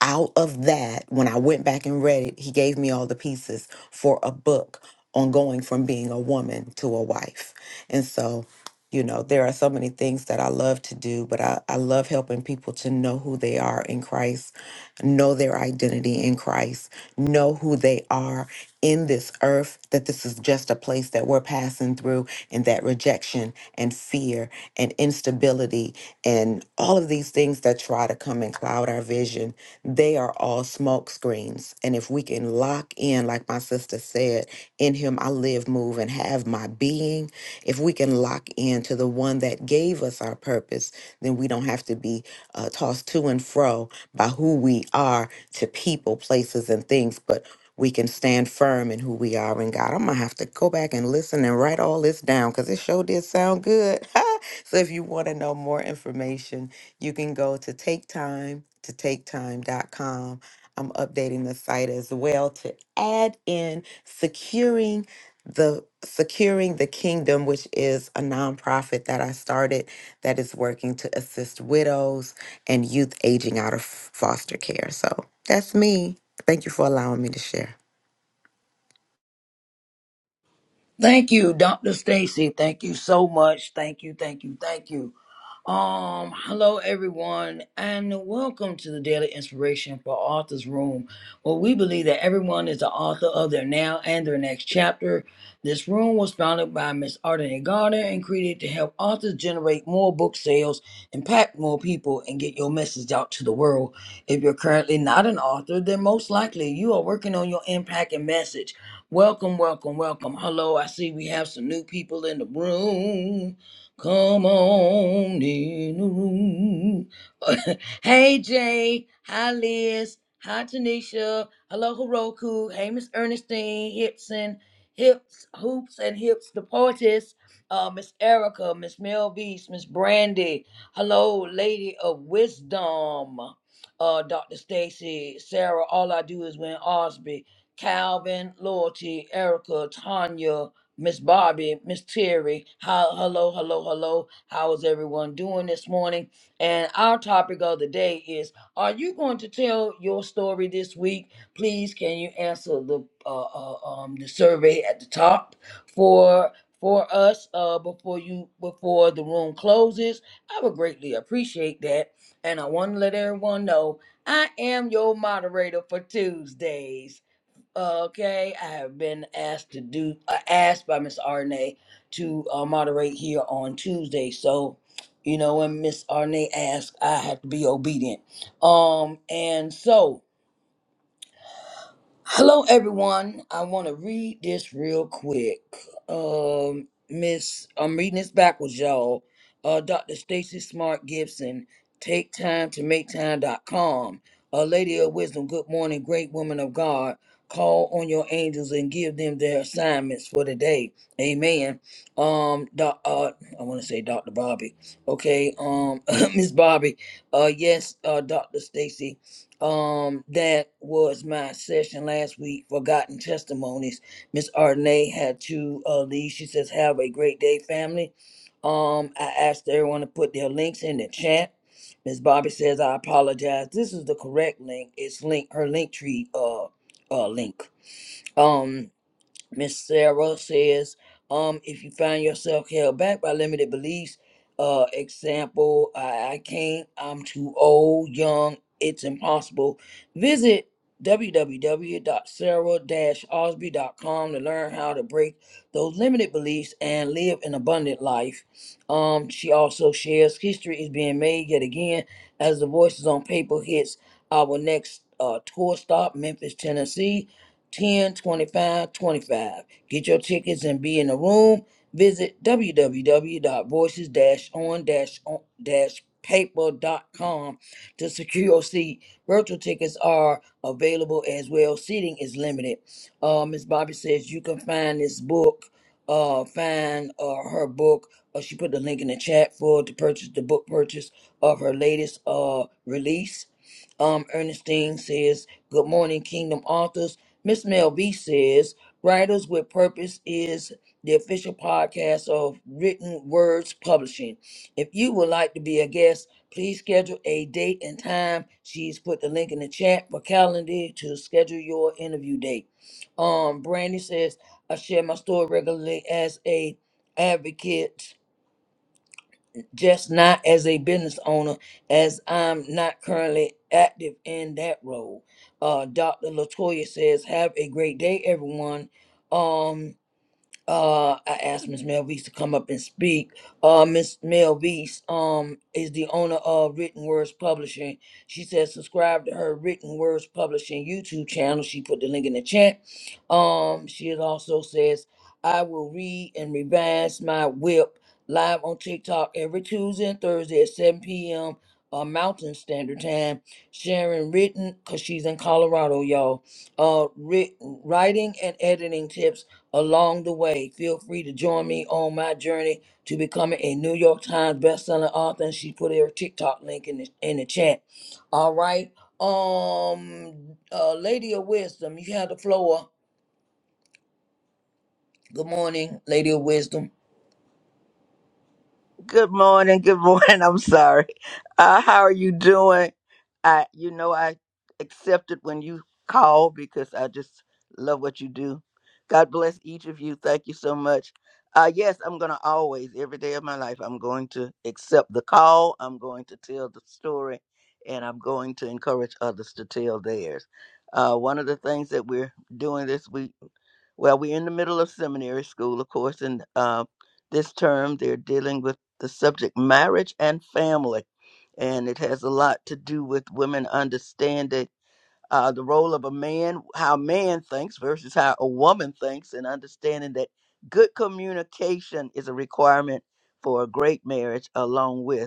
L: out of that, when I went back and read it, He gave me all the pieces for a book on going from being a woman to a wife. And so, you know, there are so many things that I love to do, but I, I love helping people to know who they are in Christ know their identity in Christ, know who they are in this earth, that this is just a place that we're passing through, and that rejection and fear and instability and all of these things that try to come and cloud our vision, they are all smoke screens. And if we can lock in, like my sister said, in Him I live, move, and have my being, if we can lock in to the one that gave us our purpose, then we don't have to be uh, tossed to and fro by who we are to people, places, and things, but we can stand firm in who we are in God. I'm gonna have to go back and listen and write all this down because it sure did sound good. so if you want to know more information, you can go to take time to taketime.com. I'm updating the site as well to add in securing the securing the kingdom which is a nonprofit that I started that is working to assist widows and youth aging out of foster care. So that's me. Thank you for allowing me to share.
A: Thank you, Dr. Stacy. Thank you so much. Thank you, thank you, thank you. Um, hello everyone, and welcome to the Daily Inspiration for Authors Room, where we believe that everyone is the author of their now and their next chapter. This room was founded by Miss Arden Gardner and created to help authors generate more book sales, impact more people, and get your message out to the world. If you're currently not an author, then most likely you are working on your impact and message. Welcome, welcome, welcome. Hello, I see we have some new people in the room. Come on in the room. hey, Jay. Hi, Liz. Hi, Tanisha. Hello, Heroku. Hey, Miss Ernestine, Hipson, Hips, Hoops, and Hips, the poetess. Uh, Miss Erica, Miss Mel Beast, Miss Brandy. Hello, Lady of Wisdom. Uh, Dr. Stacy, Sarah, all I do is win Osby. Calvin, Loyalty, Erica, Tanya, Miss Bobby, Miss Terry. How, hello, hello, hello. How is everyone doing this morning? And our topic of the day is Are you going to tell your story this week? Please, can you answer the uh, uh, um, the survey at the top for for us uh, before you before the room closes? I would greatly appreciate that, and I want to let everyone know I am your moderator for Tuesdays. Okay, I have been asked to do uh, asked by Miss Arne to uh, moderate here on Tuesday. So, you know, when Miss Arne asks, I have to be obedient. Um, and so, Hello, everyone. I want to read this real quick. Um, Miss, I'm reading this backwards, y'all. Uh, Dr. Stacy Smart Gibson, take time to make time. dot com. A lady of wisdom, good morning, great woman of God. Call on your angels and give them their assignments for the day. Amen. Um, doc, uh, I want to say Dr. Bobby. Okay. Um, Miss Bobby. Uh, yes. Uh, Dr. Stacy. Um, that was my session last week. Forgotten testimonies. Miss Arnay had to uh, leave. She says, "Have a great day, family." Um, I asked everyone to put their links in the chat. Miss Bobby says, "I apologize. This is the correct link. It's link her link tree uh uh link." Um. Miss Sarah says, um, if you find yourself held back by limited beliefs, uh, example, I, I can't, I'm too old, young, it's impossible. Visit w w w dot sarah wwwsarah com to learn how to break those limited beliefs and live an abundant life. Um, she also shares history is being made yet again as the voices on paper hits our next uh, tour stop, Memphis, Tennessee. 10 25 25. Get your tickets and be in the room. Visit wwwvoices on dash paper dot com to secure your seat. Virtual tickets are available as well. Seating is limited. Uh, Ms. Bobby says you can find this book, uh, find uh, her book. Uh, she put the link in the chat for to purchase the book purchase of her latest uh, release. Um, Ernestine says, Good morning, Kingdom Authors. Miss Mel B says, Writers with Purpose is the official podcast of Written Words Publishing. If you would like to be a guest, please schedule a date and time. She's put the link in the chat for calendar to schedule your interview date. Um, Brandy says, I share my story regularly as a advocate just not as a business owner, as I'm not currently active in that role. Uh, Dr. Latoya says, "Have a great day, everyone." Um, uh I asked Miss Melvise to come up and speak. Uh Miss Melvise um is the owner of Written Words Publishing. She says subscribe to her Written Words Publishing YouTube channel. She put the link in the chat. Um she has also says I will read and revise my whip live on TikTok every Tuesday and Thursday at 7 p.m. Uh, Mountain Standard Time, sharing written because she's in Colorado, y'all. Uh, writ- writing and editing tips along the way. Feel free to join me on my journey to becoming a New York Times bestselling author. And she put her TikTok link in the in the chat. All right. Um uh Lady of Wisdom, you have the floor. Good morning, Lady of Wisdom.
M: Good morning. Good morning. I'm sorry. Uh, how are you doing? I, you know, I accepted when you called because I just love what you do. God bless each of you. Thank you so much. Uh, yes, I'm going to always, every day of my life, I'm going to accept the call. I'm going to tell the story and I'm going to encourage others to tell theirs. Uh, one of the things that we're doing this week well, we're in the middle of seminary school, of course, and uh, this term they're dealing with the subject marriage and family. And it has a lot to do with women understanding uh, the role of a man, how a man thinks versus how a woman thinks, and understanding that good communication is a requirement for a great marriage, along with.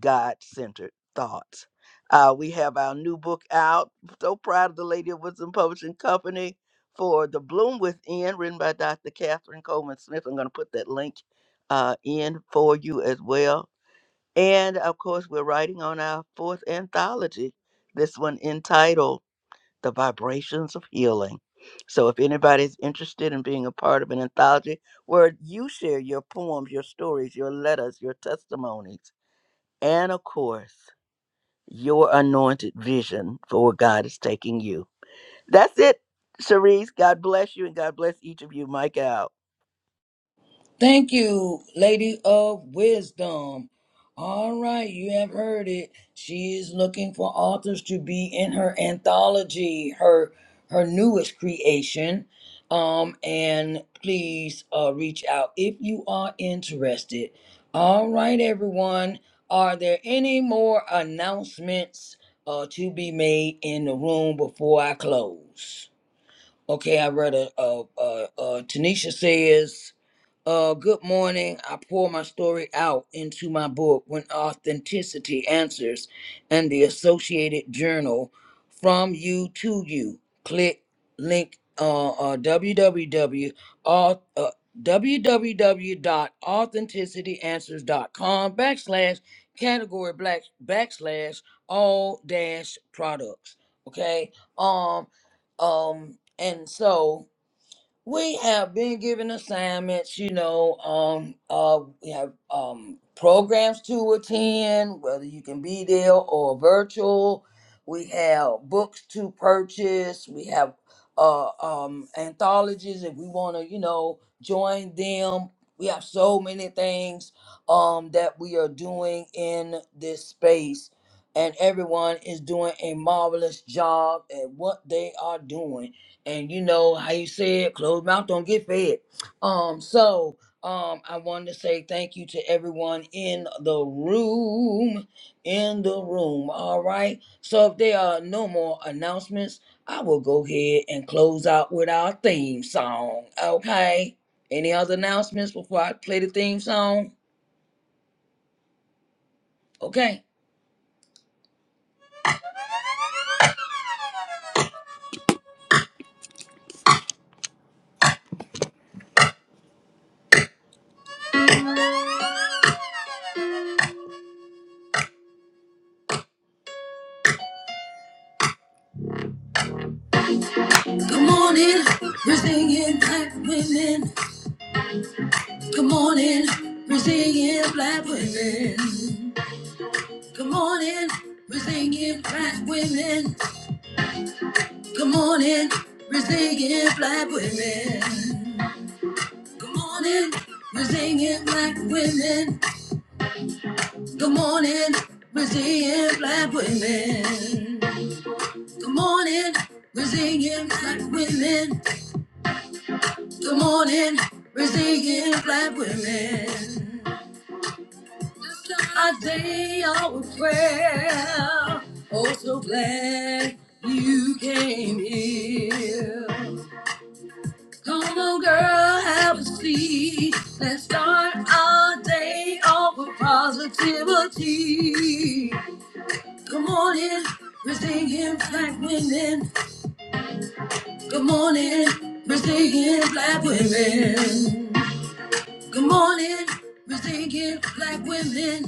M: God centered thoughts. Uh, we have our new book out. So proud of the Lady of Wisdom Publishing Company for The Bloom Within, written by Dr. Catherine Coleman Smith. I'm going to put that link uh, in for you as well. And of course, we're writing on our fourth anthology, this one entitled The Vibrations of Healing. So if anybody's interested in being a part of an anthology where you share your poems, your stories, your letters, your testimonies, and of course, your anointed vision for where God is taking you. That's it, Cherise. God bless you and God bless each of you. Mike out.
A: Thank you, Lady of Wisdom. All right, you have heard it. She is looking for authors to be in her anthology, her her newest creation. Um, and please uh, reach out if you are interested. All right, everyone. Are there any more announcements uh, to be made in the room before I close? Okay, I read a, a, a, a Tanisha says uh, good morning. I pour my story out into my book when authenticity answers and the Associated Journal from you to you. Click link uh, uh, www auth, uh, www dot authenticityanswers dot com backslash category black backslash all dash products. Okay. Um, um, and so we have been given assignments, you know, um, uh, we have um, programs to attend, whether you can be there or virtual. We have books to purchase. We have uh, um, anthologies if we want to, you know, join them. We have so many things um, that we are doing in this space, and everyone is doing a marvelous job at what they are doing and you know how you said closed mouth don't get fed um so um i wanted to say thank you to everyone in the room in the room all right so if there are no more announcements i will go ahead and close out with our theme song okay any other announcements before i play the theme song okay good morning we're singing black women Good morning, we're singing black women. Good morning, we're singing black women. Good morning, we're singing black women. Good morning, we're singing black women. Good morning, we're singing black women. Good morning, we're singing black women. Good morning, we're singing black women. a day of prayer. Oh, so glad you came here. Come on, girl, have a seat. Let's start our day off with positivity. Good morning, we're singing black women. Good morning, we're singing black women. Good morning, we're singing black women.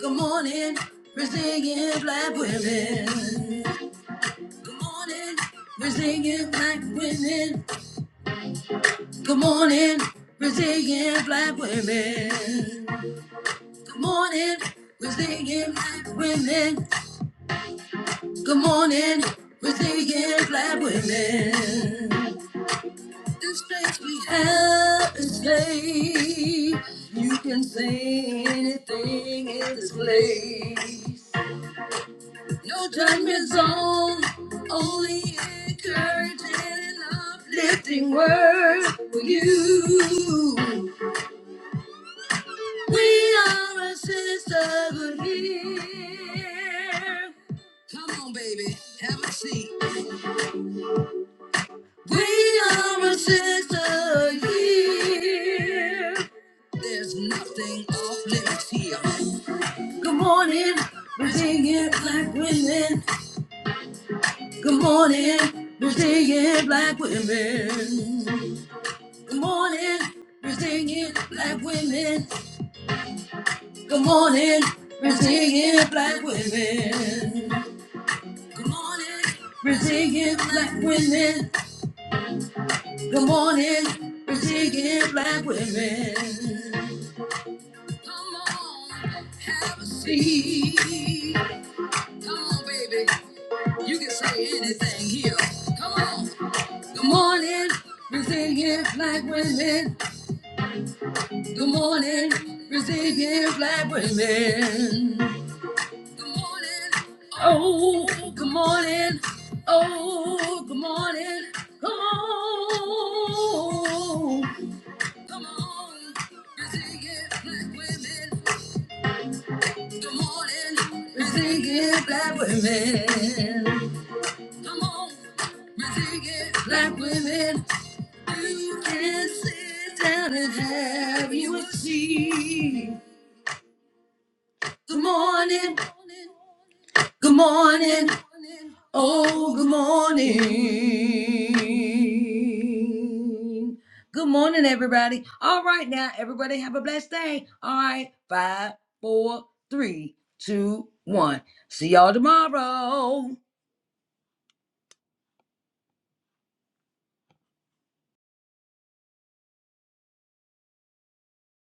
A: Good morning, Brazilian black women. Good morning, Brazilian black women. Good morning, Brazilian black women. Good morning, Brazilian black women. Good morning, Brazilian black women. The strength we have is faith. You can say anything in this place. No judgment zone, only encouraging and uplifting word for you. We are a sisterhood here. Come on, baby, have a seat. We are a sisterhood here. There's nothing off limits here. Good morning, we're singing black women. Good morning, we're singing black women. Good morning, we're singing black women. Good morning, we're singing black women. Good morning, we're singing black women. Good morning, we're singing black women. Come on, have a seat. Come on, baby, you can say anything here. Come on. Good morning, we're singing black women. Good morning, Brazilian black women. Good morning. Oh, good morning. Oh, good morning. Come on. Come on, Brazilian black women. Good morning, Brazilian black women. Come on, Brazilian black women. You can sit down and have you a seat. Good morning. Good morning. Oh, good morning. Good morning, everybody. All right, now, everybody have a blessed day. All right, five, four, three, two, one. See y'all tomorrow.